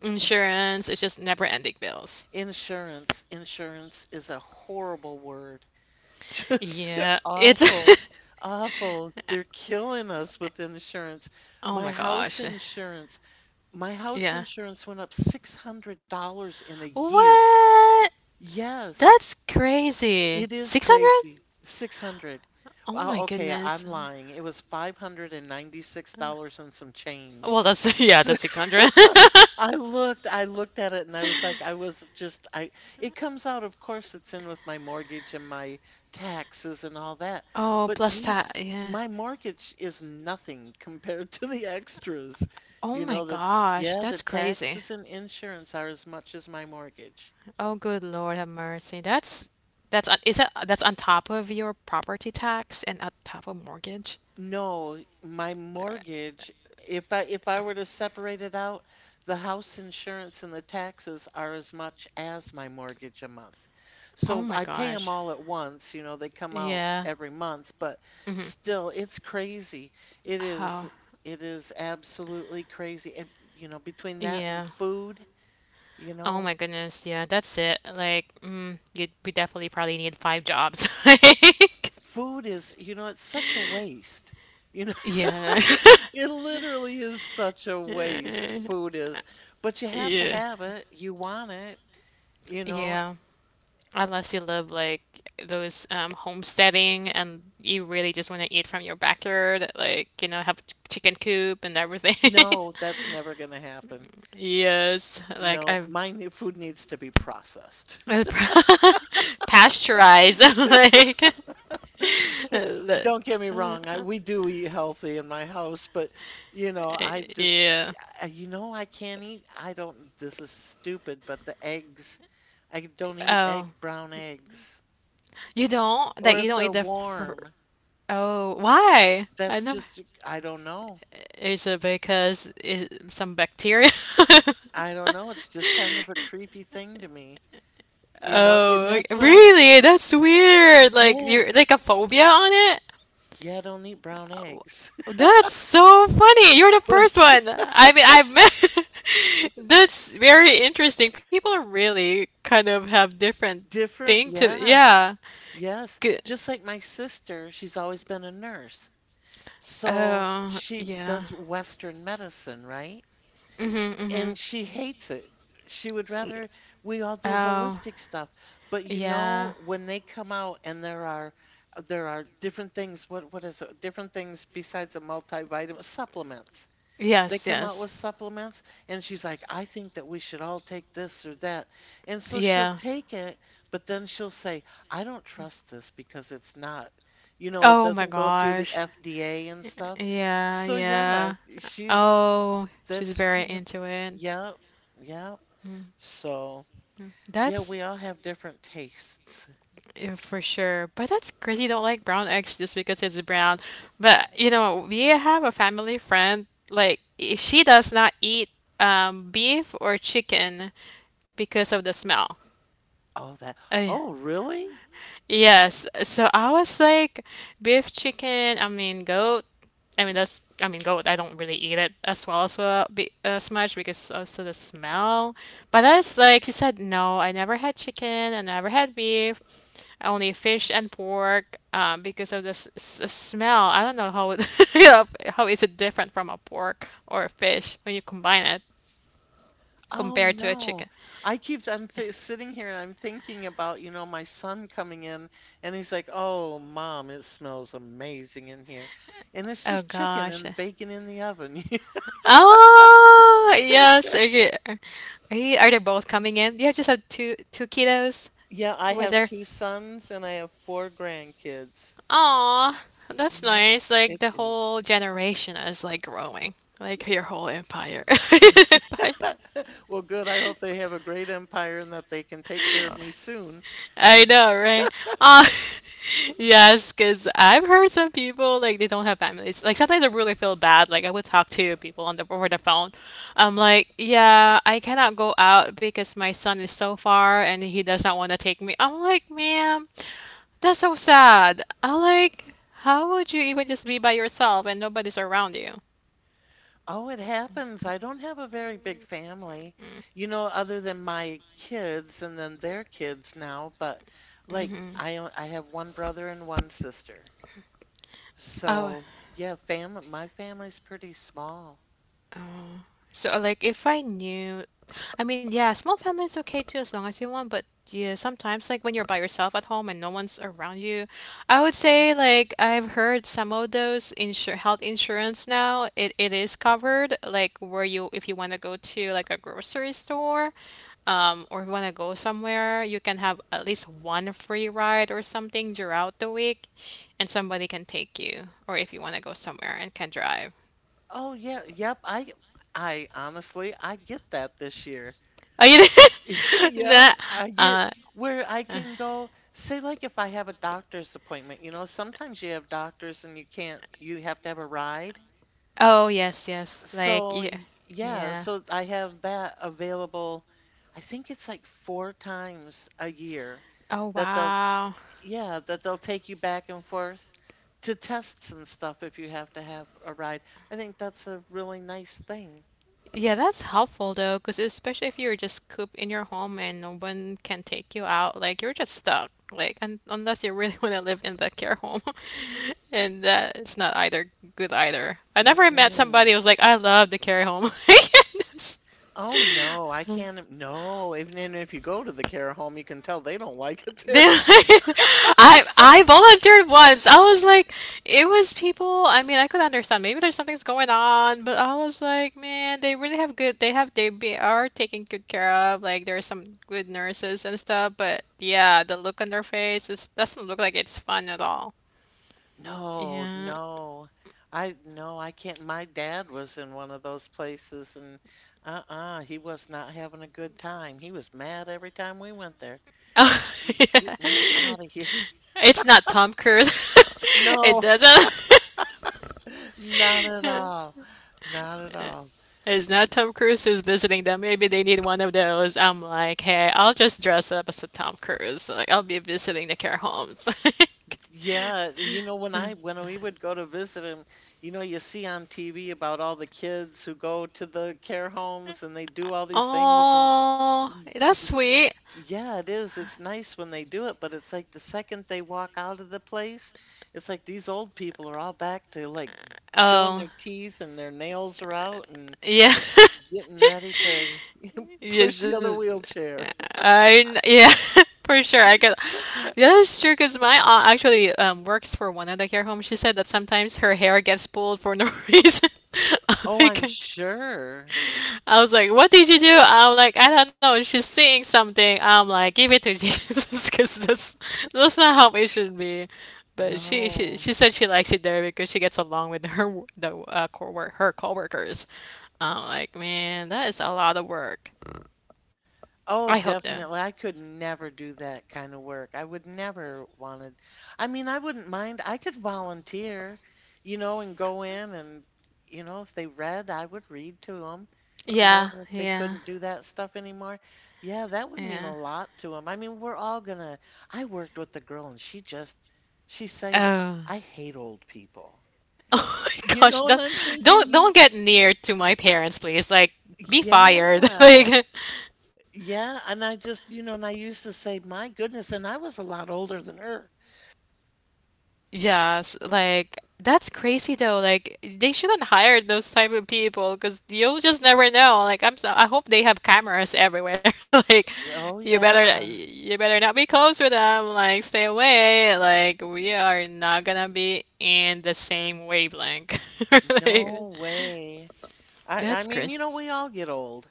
insurance, it's just never ending bills.
insurance, insurance is a horrible word. *laughs* Just
Yeah, it's
awful,
*laughs*
awful. They're killing us with insurance.
oh
My
my
house
gosh.
insurance, my house
Yeah.
insurance went up six hundred dollars in a year.
What?
Yes,
That's crazy.
it is
six hundred?
crazy. six hundred.
Oh my
Oh, okay, I'm
goodness.
lying. It was five hundred ninety-six dollars and some change.
Well, that's *laughs* yeah, that's
*laughs*
six hundred. *laughs*
I looked, I looked at it and I was like, I was just, I, it comes out, of course, it's in with my mortgage and my taxes and all that.
Oh,
But
plus that.
geez,
Yeah.
my mortgage is nothing *laughs* compared to the extras. You
Oh
know,
my
that,
gosh,
yeah, the
that's crazy.
taxes and insurance are as much as my mortgage.
Oh, good Lord have mercy. That's that's on- is that that's on top of your property tax and on top of mortgage?
No, my mortgage, if I if I were to separate it out, the house insurance and the taxes are as much as my mortgage a month.
Oh
So
my
I pay them
gosh.
all at once, you know, they come out
Yeah.
every month, but
Mm-hmm.
still it's crazy. It is
How?
it is absolutely crazy. And you know, between that and
Yeah.
food, you
Oh
know,
my goodness. Yeah, that's it. Like, mm, you we definitely probably need five jobs. *laughs* Like,
food is, you know, it's such a waste. You know,
yeah.
*laughs* it literally is such a waste, food
*laughs*
is. But you have to
Yeah.
have it. You want it, you know?
Yeah. Unless you live like those um, homesteading and you really just want to eat from your backyard, like, you know, have ch- chicken coop and everything. *laughs*
No, that's never gonna happen.
Yes, like
No,
I've
my ne- food needs to be processed.
*laughs* pasteurized, *laughs* like *laughs*
*laughs*
the-
Don't get me wrong,
uh,
I, we do eat healthy in my house, but you know, I just,
yeah.
I- you know, I can't eat. I don't, this is stupid, but the eggs, I don't eat egg,
Oh,
brown eggs.
you don't like
Or if
you don't eat
they're
the fr-
warm,
oh why? I
that's
never.
just, I don't know.
Is it because it, some bacteria?
I don't know. It's just kind of a
*laughs*
creepy thing to me, you know, and
Oh, like,
that's what I, s-
really? That's weird. Like you're like
yes.
a phobia on it?
Yeah, I don't eat brown
Oh,
eggs. *laughs*
that's so funny. You're the
But
first one. I mean, I've met. *laughs* That's very interesting. People really kind of have different
different,
thing to.
yeah,
Yeah.
yes.
Good.
Just like my sister, she's always been a nurse. So
Oh,
she
yeah.
does Western medicine, right?
Mm-hmm,
And she hates it. She would
mm-hmm.
rather we all do
Oh,
holistic stuff. But you know,
yeah.
when they come out and there are there are different things, what what is it? Different things besides a multivitamin, supplements. They
Yes,
come out with
yes.
supplements, and she's like, I think that we should all take this or that. And so she'll
Yeah.
take it, but then she'll say, I don't trust this because it's not, you know, it
Oh my
doesn't go through the
gosh.
F D A and stuff.
Yeah,
So yeah,
yeah.
she's
Oh, she's
that's
very
kind of,
into it.
yeah, yeah.
Mhm.
So yeah,
That's
we all have different tastes.
yeah, for sure. But that's crazy. You don't like brown eggs just because it's brown. But you know, we have a family friend. Like i- she does not eat um, beef or chicken because of the smell.
Oh, that,
Uh,
oh, really?
Yes. So I was like, beef chicken, I mean, goat. I mean, that's, I mean, goat. I don't really eat it as well as well be, uh, so much because also the smell. But that's like, he said, no, I never had chicken, I never had beef, only fish and pork, um, because of the s s- smell. I don't know how it, *laughs* you know, how is it different from a pork or a fish when you combine it
Oh
compared to a
no.
chicken.
I keep I'm th sitting here and I'm thinking about, you know, my son coming in and he's like, "Oh, mom, it smells amazing in here." And it's
Oh
just chicken
gosh.
and bacon in the oven. *laughs*
Oh, yes. Okay. Are you- are they both coming in? You just have two two kiddos
Yeah, I
with
have
their.
two sons and I have four grandkids.
Aw, that's nice. Like
Yep,
the
it
whole
is.
generation is like growing, like your whole empire. *laughs* Empire.
*laughs* Well, good. I hope they have a great empire and that they can take care of me soon. And
I know, right? Uh, *laughs* yes, because I've heard some people like they don't have families. Like sometimes I really feel bad. Like I would talk to people on the over the phone. I'm like, yeah, I cannot go out because my son is so far and he does not want to take me. I'm like, ma'am, that's so sad. I'm like, how would you even just be by yourself and nobody's around you?
oh, it happens. I don't have a very big family, you know, other than my kids and then their kids now, but like
Mm-hmm.
I o- I have one brother and one sister.
Oh,
So, yeah, family my family's pretty small.
oh. So, like, if I knew, I mean, yeah, small family is okay too, as long as you want, but yeah, sometimes, like, when you're by yourself at home and no one's around you, I would say, like, I've heard some of those insur health insurance now, it, it is covered, like, where you, if you want to go to, like, a grocery store, um, or want to go somewhere, you can have at least one free ride or something throughout the week, and somebody can take you, or if you want to go somewhere and can drive.
Oh, yeah, yep. I I honestly I get that this year.
Are you
*laughs*
there? *laughs*
Yep,
No.
I get
Uh,
where I
uh,
can go. Say, like, if I have a doctor's appointment, you know, sometimes you have doctors and you can't, you have to have a ride.
oh yes, yes. Like
So,
yeah,
y- yeah,
yeah.
so I have that available. I think it's like four times a year
Oh
that they'll,
wow.
yeah, that they'll take you back and forth to tests and stuff if you have to have a ride. I think that's a really nice thing.
Yeah, that's helpful though, because especially if you're just cooped in your home and no one can take you out, like you're just stuck. Like, un unless you really *laughs* want to live in the care home, *laughs* and that it's not either good either. I never met
Mm-mm.
somebody who was like, I love the care home. *laughs* Yes.
Oh no, I can't. No, even, even if you go to the care home, you can tell they don't *laughs* like it
They-
there.
*laughs* I I volunteered once. I was like, it was people. I mean, I could understand. Maybe there's something's going on, but I was like, man, they really have good. They have they be, are taken good care of. Like there are some good nurses and stuff. But yeah, the look on their face is doesn't look like it's fun at all.
No,
Yeah. *laughs*
no. I no, I can't. My dad was in one of those places and uh-uh, he was not having a good time. He was mad every time we went there.
Oh,
He's
yeah.
get me out of here. *laughs*
It's not Tom Cruise. *laughs* It
No,
doesn't.
not at all. Not at
*laughs*
all.
It's not Tom Cruise who's visiting them. Maybe they need one of those. I'm like, hey, I'll just dress up as a Tom Cruise. Like, I'll be visiting the care homes. *laughs*
Yeah, you know, when
Like,
I when we would go to visit him, you know, you see on T V about all the kids who go to the care homes and they do all these things and
oh,
y-
that's
y-
sweet.
yeah, it is. It's nice when they do it, but it's like the second they walk out of the place, it's like these old people are all back to like showing
Oh,
their teeth and their nails are out and
yeah. *laughs*
getting ready to
Yeah,
push the other
just,
wheelchair. *laughs*
I kn- yeah, *laughs* for sure. I guess that's true. Cause my aunt actually um, works for one of the care homes. She said that sometimes her hair gets pulled for no *laughs* reason. *laughs*
Oh,
Like,
I'm sure.
I was like, "What did you do?" I'm like, "I don't know." She's seeing something. I'm like, "Give it to Jesus," *laughs* because that's that's not how it should be. But she she
No.
she said she likes it there because she gets along with her w- the uh, co work her coworkers. I'm like, man, that is a lot of work.
Oh,
I hope that.
definitely. I could never do that kind of work. I would never wanted. I mean, I wouldn't mind. I could volunteer, you know, and go in and, you know, if they read, I would read to them, you know, and
Yeah,
if they couldn't
yeah,
do that stuff anymore, yeah, that would mean
yeah.
a lot to them. I mean, we're all gonna. I worked with a girl and she just, she said,
Oh,
I hate old people.
*laughs* oh my
You
gosh!
know what
That
I'm
don't
thinking? You,
don't get near to my parents, please. Like, be fired. *laughs*
yeah.
Like,
Yeah, and I just, you know, and I used to say, "My goodness," and I was a lot older than her.
yes, like that's crazy though. Like they shouldn't hire those type of people because you'll just never know. Like I'm so I hope they have cameras everywhere. *laughs* Like
Oh
you better
yeah.
you better not be close with them. Like stay away. Like we are not gonna be in the same wavelength. *laughs* Like,
No way. I I
that's
mean,
crazy.
you know, we all get old.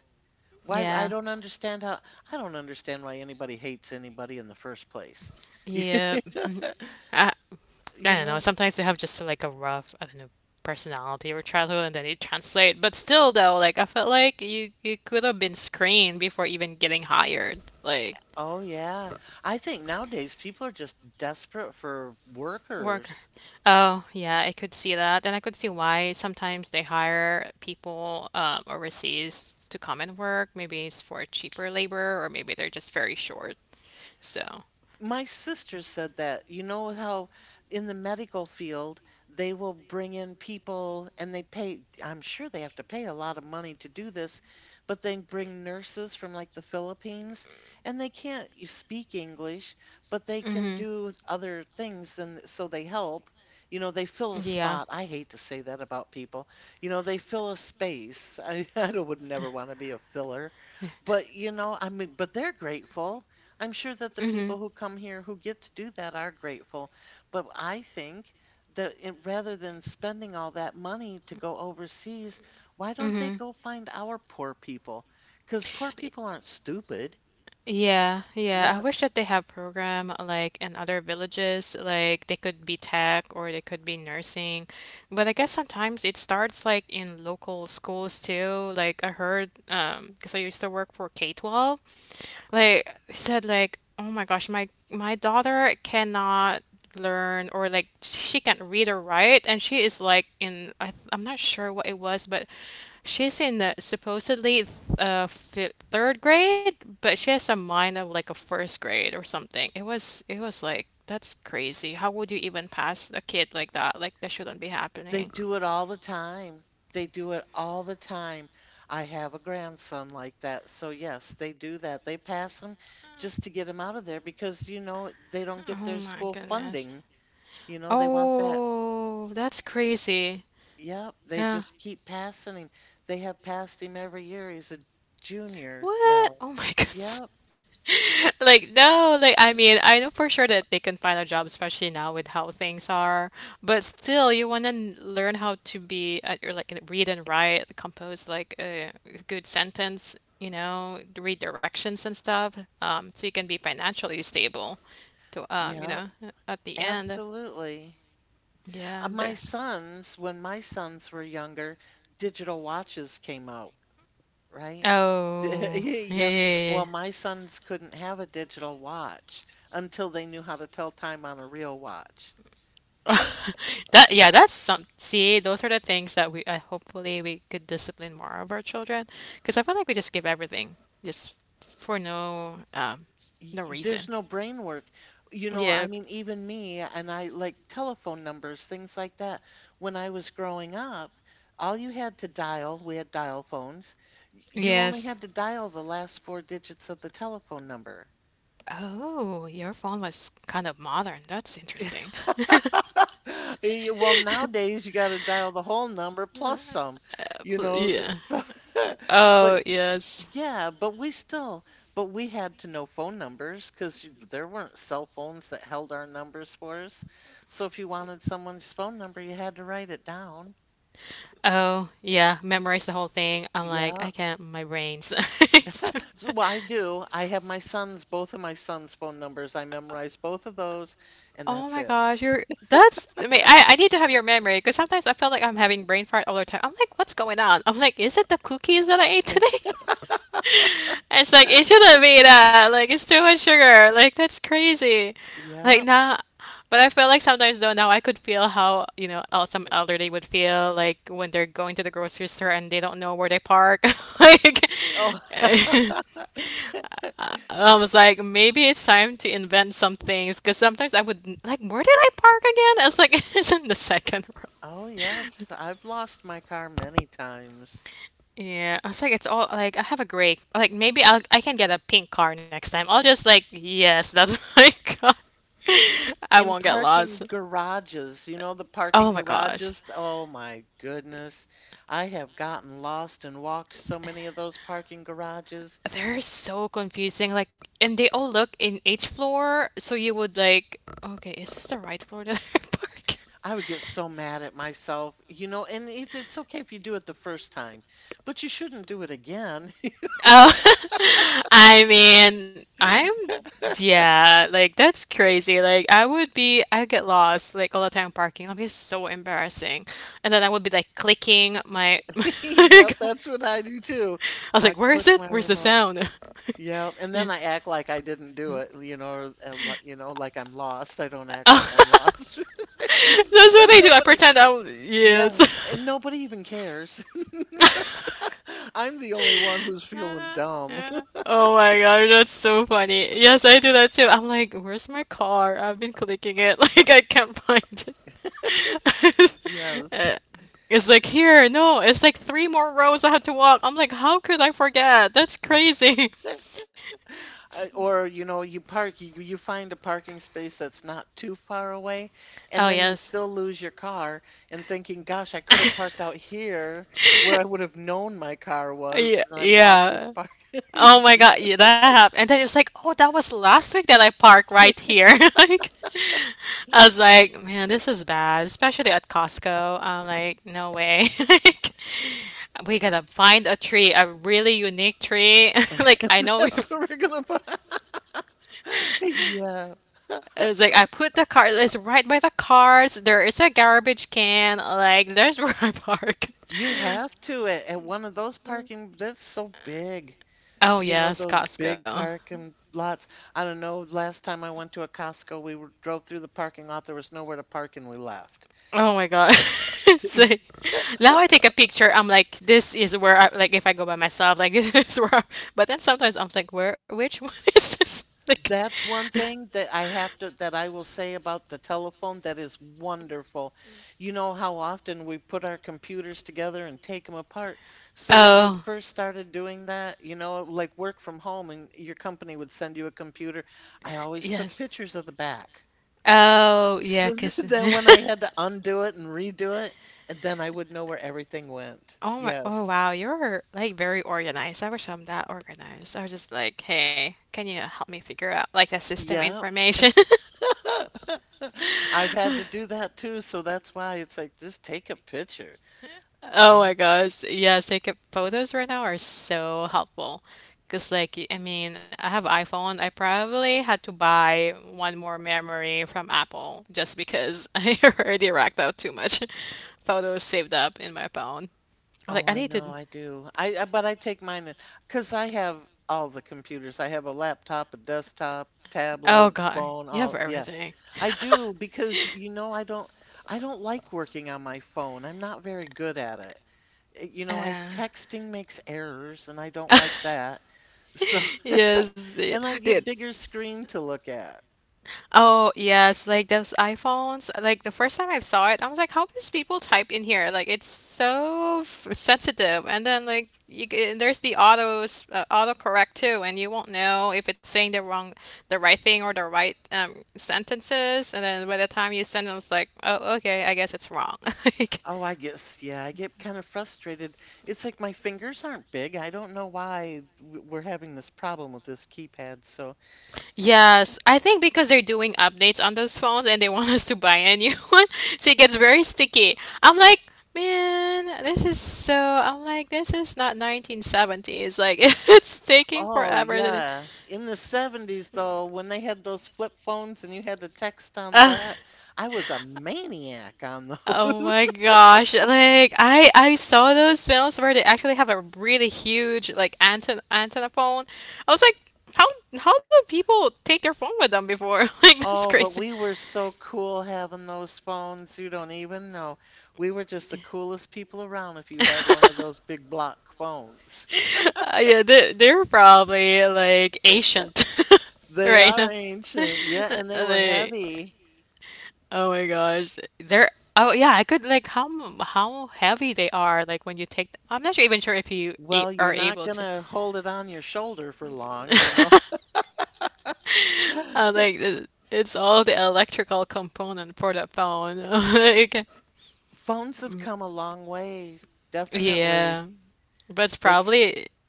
Why I
Yeah.
don't understand how I don't understand why anybody hates anybody in the first place. *laughs*
Yep. *laughs* I, I
You
don't know.
know?
Sometimes they have just like a rough, I don't know, personality or childhood, and then it translates. But still, though, like I felt like you you could have been screened before even getting hired. Like
Oh yeah. I think nowadays people are just desperate for
worker.
workers.
Oh yeah, I could see that, and I could see why sometimes they hire people um, overseas to come and work. Maybe it's for cheaper labor, or maybe they're just very short. So,
My sister said that. You know how in the medical field they will bring in people and they pay, I'm sure they have to pay a lot of money to do this, but they bring nurses from like the Philippines and they can't y- speak English, but they can
hmm
do other things and so they help. You know, they fill a
yeah.
spot. I hate to say that about people. You know, they fill a space. *laughs* I, I don't- would never want to be a filler, but you know, I mean, but they're grateful. I'm sure that the
Mm-hmm.
people who come here who get to do that are grateful, but I think that it, rather than spending all that money to go overseas, why don't they
Mm-hmm.
go find our poor people? Because poor people aren't stupid.
Yeah, yeah. I
Yeah,
wish that they have program uh, like in other villages, like they could be tech or they could be nursing. But I guess sometimes it starts like in local schools too. Like I heard, um, because I used to work for K twelve. Like he said like, "Oh my gosh, my my daughter cannot learn or like she can't read or write and she is like in I, I'm not sure what it was, but she's in the supposedly th- uh fi third grade, but she has a mind of like a first grade or something. It was it was like that's crazy. How would you even pass a kid like that? Like that shouldn't be
they
happening.
do it all the time. They do it all the time. I have a grandson like that. So, yes, they do that. They pass him just to get him out of there because, you know, they don't get
Oh
their
my
school
goodness.
funding. You know, they want that.
Oh, that's crazy.
Yep, they
Yeah.
just keep passing him. They have passed him every year. He's a junior now.
What? Oh my *laughs*
Yep,
goodness. *laughs* Like, no, like, I mean, I know for sure that they can find a job, especially now with how things are. But still, you want to learn how to be, uh, or like, read and write, compose like a good sentence, you know, read directions and stuff, um, so you can be financially stable to, um, you
yep,
know, at the end.
absolutely.
Yeah.
Uh, my
There.
sons, when my sons were younger, digital watches came out, right? *laughs*
Oh, yeah, yeah,
Yeah.
yeah. Yeah.
Well, my sons couldn't have a digital watch until they knew how to tell time on a real watch.
*laughs* That yeah, that's some see, those are the things that we uh, hopefully we could discipline more of our children because I feel like we just give everything just for no um
Y-
no
there's
reason.
no brain work. You know, I
Yeah.
mean, even me and I like telephone numbers, things like that. When I was growing up, all you had to dial, we had dial phones, y- you only
Yes.
had to dial the last four digits of the telephone number.
Oh, your phone was kind of modern. That's interesting. *laughs*
*laughs* Eh, Well, nowadays you got to dial the whole number
Uh,
plus some, you
Pl-
know.
Yeah.
So, *laughs* but.
Oh, yes.
Yeah, but we still but we had to know phone numbers because there weren't cell phones that held our numbers for us. So if you wanted someone's phone number, you had to write it down.
Oh, yeah, memorize the whole thing. I'm like,
Yeah.
I can't, my brains. *laughs* So,
*laughs* So well, I do. I have my son's, both of my son's phone numbers. I memorize both of those, and
oh
that's
my
it.
gosh, you're that's I mean, I, I need to have your memory because sometimes I feel like I'm having brain fart all the time. I'm like, what's going on? I'm like, is it the cookies that I ate today? *laughs* It's like it shouldn't be that. Like it's too much sugar. Like that's crazy.
Yeah.
Like nah. But I feel like sometimes though now I could feel how, you know, el- some elderly would feel like when they're going to the grocery store and they don't know where they park. *laughs* Like
Oh, *laughs*
*laughs* I was like, maybe it's time to invent some things because sometimes I would like, where did I park again? I was like, *laughs* it's in the second row.
oh yes. I've lost my car many times.
Yeah, I was like, it's all like I have a gray. Like maybe I'll I can get a pink car next time. I'll just like, yes, that's *laughs* my car. I
In
won't get
parking
lost.
garages, you know, the parking
Oh my gosh.
garages, oh my goodness. I have gotten lost and walked so many of those parking garages.
They're so confusing. Like, and they all look in each floor, so you would like, okay, is this the right floor that *laughs* I park?
I would get so mad at myself, you know, and if it's okay if you do it the first time, but you shouldn't do it again.
Oh, *laughs* I mean, I'm yeah, like that's crazy. Like I would be, I get lost like all the time parking. That'd be so embarrassing. And then I would be like clicking my,
*laughs*
*laughs* I
Yep, that's what I do too.
was
I
like, where
click
is it?
my
Where's the
remote.
sound? *laughs*
Yep, and then I
Yeah.
act like I didn't do it, you know, or, uh, li- you know, like I'm lost. I don't act like
Oh,
I'm
*laughs*
lost. *laughs*
that's
And
what I do. I
nobody,
pretend I'm,
yeah,
yes.
and
*laughs*
nobody even cares. I'm the only one who's feeling dumb. *laughs*
Oh my god, that's so funny. Yes, I do that too. I'm like, where's my car? I've been clicking it, *laughs* like I can't find it. *laughs* Uh,
Yes.
It's like here, no, it's like three more rows I had to walk. I'm like, how could I forget? That's crazy.
I,
*laughs*
or you know, you park, you, you find a parking space that's not too far away,
Oh
and then you
yes.
still lose your car and thinking, gosh, I could have parked
*laughs*
out here where I would have known my car
Yeah,
was, and I've walked this
yeah.
park. *laughs*
Oh my God, yeah, that happened. And then it was like, oh, that was last week that I parked right
Yeah. *laughs*
here. *laughs* Like, I was like, man, this is bad, especially at Costco. I'm like, no way. *laughs* Like, we gotta find a tree, a really unique tree. *laughs*
And
Like, I know we.
that's where we're gonna buy. *laughs* Yeah.
It's *laughs* like I put the car. It's right by the cars. There is a garbage can. Like, there's *laughs* where I park.
You have to at, at one of those parking, that's so
*laughs*
big.
Oh
You know
yes,
those big
Costco.
parking lots? I don't know. Last time I went to a Costco, we were, drove through the parking lot. There was nowhere to park, and we left.
Oh my God. *laughs* So
*laughs*
now I take a picture, I'm like, this is where I like if I go by myself, like *laughs* this is where I, but then sometimes I'm like, where which one *laughs* is this? Like
That's one thing that
*laughs*
I have to that I will say about the telephone that is wonderful. You know how often we put our computers together and take them apart. So when we
oh
first started doing that, you know, like work from home and your company would send you a computer, I always
yes.
took pictures of the back.
Oh yeah,
So *laughs*
cause. *laughs*
then when I had to undo it and redo it, and then I would know where everything went.
Oh my, oh
Yes.
wow, you're like very organized. I wish I'm that organized. I was just like, hey, can you help me figure out like the system
Yeah.
information? *laughs*
*laughs* I've had to do that too, so that's why it's like just take a picture. I,
Oh my gosh. Yes, taking photos right now are so helpful. Because, like, y- I mean, I have iPhone. I probably had to buy one more memory from Apple just because *laughs* I already racked out too much *laughs* photos saved up in my phone. Like
oh,
I
I
need to.
know, I do. I, I but I take mine because I have all the computers. I have a laptop, a desktop,
Oh
tablet,
God,
phone,
you have
all. Yeah,
everything.
I do
*laughs*
because you know I don't I don't like working on my phone. I'm not very good at it. eh, You know, I
Uh,
texting makes errors and I don't like that. So,
yes,
*laughs*
yeah.
and I get
Dude.
bigger screen to look at.
Oh yes, like those iPhones. Like the first time I saw it, I was like, "How does people type in here? Like it's so f- sensitive." And then like you, g- there's the autos uh, autocorrect too, and you won't know if it's saying the wrong, the right thing or the right um, sentences. And then by the time you send them, it's like, "Oh, okay, I guess it's wrong." *laughs* Like,
Oh, I guess, yeah, I get kind of frustrated. It's like my fingers aren't big. I don't know why w- we're having this problem with this keypad. So,
yes, I think because they're doing updates on those phones and they want us to buy a new *laughs* one, so it gets very sticky. I'm like, man, this is so. I'm like, this is not nineteen seventies. Like, *laughs* it's taking
oh,
forever. Than
yeah. In the seventies, though, when they had those flip phones and you had to text on
Uh,
that, I was a maniac on
oh my
those. *laughs*
gosh! Like I, I saw those films where they actually have a really huge like antenna antenna phone. I was like, how how do people take their phone with them before? *laughs* Like that's
Oh, but
crazy.
we were so cool having those phones. You don't even know. We were just the coolest people around if you had one of those
*laughs*
big block phones. *laughs*
Yeah, they they're probably like ancient *laughs*
They
right
are
now. *laughs*
ancient. Yeah, and they were
They,
heavy.
oh my gosh, they're oh yeah, I could like how m- how heavy they are like when you take. Th- I'm not sure, even sure if you a
Well, you're
are
not going
able to.
to hold it on your shoulder for long, you know.
*laughs* I'm like, "Th- it's all the electrical component for the phone. *laughs* Like
*laughs* Phones have come a long way, definitely.
yeah, but it's
They c-
probably.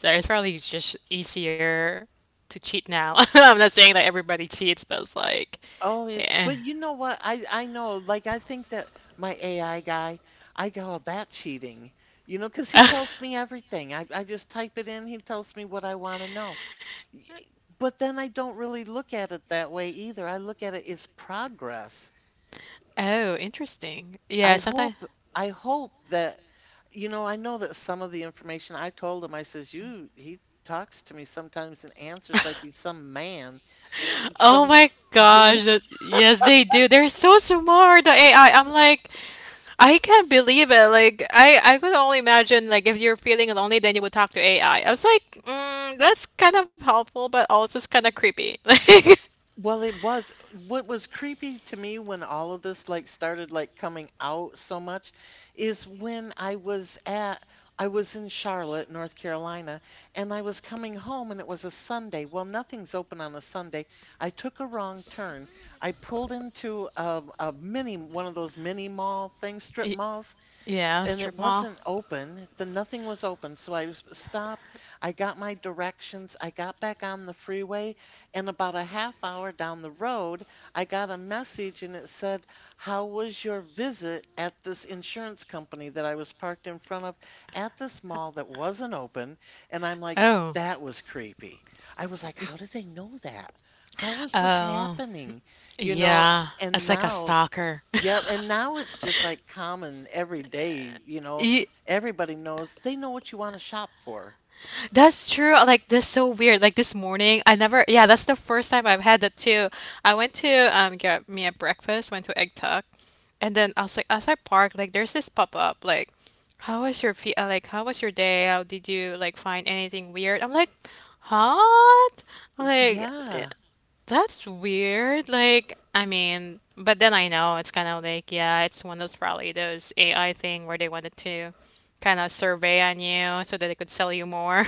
So it's probably just easier to cheat now. *laughs* I'm not saying that everybody cheats, but it's like,
Oh, it,
yeah.
but you know what? I I know. Like I think that my A I guy, I call that cheating. You know, because he tells
*laughs*
me everything. I I just type it in. He tells me what I want to know. Y- But then I don't really look at it that way either. I look at it as progress.
Oh, interesting.
I
Yeah,
hope
sometimes.
I hope that you know. I know that some of the information I told him, I says, you he talks to me sometimes and answers like he's some man,
Oh
some.
my
You know,
gosh, that yes, they do. They're so smart, the A I. I'm like, I can't believe it. Like, I I could only imagine like if you're feeling lonely, then you would talk to A I. I I was like, mm, that's kind of helpful, but also it's kind of creepy. *laughs* Like,
well, it was what was creepy to me when all of this like started like coming out so much is when I was at I was in Charlotte, North Carolina, and I was coming home and it was a Sunday. Well, nothing's open on a Sunday. I took a wrong turn. I pulled into a, a mini, one of those mini mall things, strip
Y-
malls,
yeah,
and it
strip mall.
wasn't open. The nothing was open, so I was stopped. I got my directions. I got back on the freeway, and about a half hour down the road, I got a message and it said, "How was your visit at this insurance company that I was parked in front of at this mall that wasn't open?" And I'm like,
Oh,
that was creepy. I was like, how did they know that? How is this
oh,
happening? You know,
yeah.
and
It's like a
now
stalker. *laughs*
Yep, and now it's just like common every day, you know.
Y-
Everybody knows they know what you want to shop for.
that's true. uh, Like that's so weird. Like this morning, I never. Yeah, that's the first time I've had that too. I went to um get me a breakfast. Went to Egg Tuck, and then I was like, as I parked, like there's this pop up. Like, how was your fe uh, like, how was your day? How did you like find anything weird? I'm like, what? I'm like,
Yeah.
that's weird. Like, I mean, but then I know it's kind of like, yeah, it's one of those probably those A I thing where they wanted to kind of survey on you so that they could sell you more.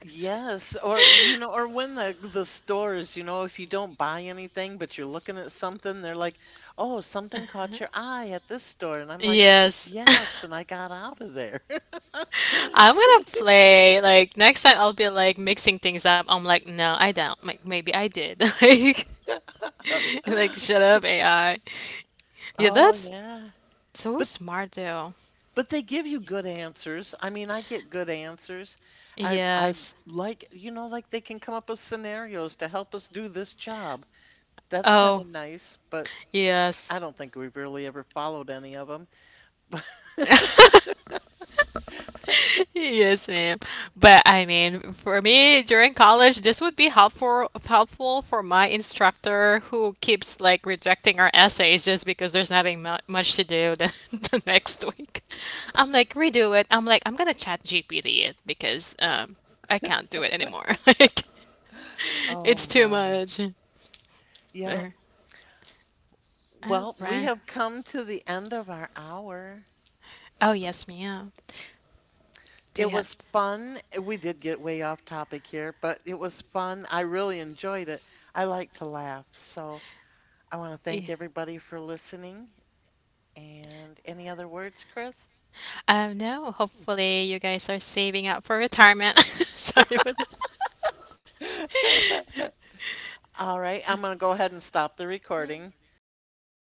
Yes, or you know, or
*laughs*
when the the stores, you know, if you don't buy anything but you're looking at something, they're like, "Oh, something caught your eye at this store." And I'm like,
Yes. *laughs*
"Yes," and I got out of there. *laughs*
I'm gonna play. Like, next time I'll be like mixing things up. I'm like, no, I don't. Like, maybe I did. *laughs* Like, *laughs* like shut up, A I. Yeah,
Oh
that's
yeah.
so smart though.
But they give you good answers. I mean, I get good answers. I I
Yes.
like, you know, like they can come up with scenarios to help us do this job. That's kind
Oh.
of nice, but
Yes.
I
*laughs*
don't think we've really ever followed any of them.
Yes, ma'am. But I mean, for me during college, this would be helpful helpful for my instructor who keeps like rejecting our essays just because there's nothing mu much to do the, *laughs* the next week. I'm like, redo it. I'm like, I'm gonna chat G P T it because um I can't do it anymore. *laughs* Like it's
Oh
too
my.
much.
Yeah.
Or- All
Well, we
right.
have come to the end of our hour.
Oh yes, ma'am. Do you
It
have?
was fun. We did get way off topic here, but it was fun. I really enjoyed it. I like to laugh. So I want to thank
Yeah.
everybody for listening. And any other words, Chris?
Um, no, hopefully you guys are saving up for retirement. *laughs* Sorry for that.
All right, I'm going to go ahead and stop the recording.
*laughs*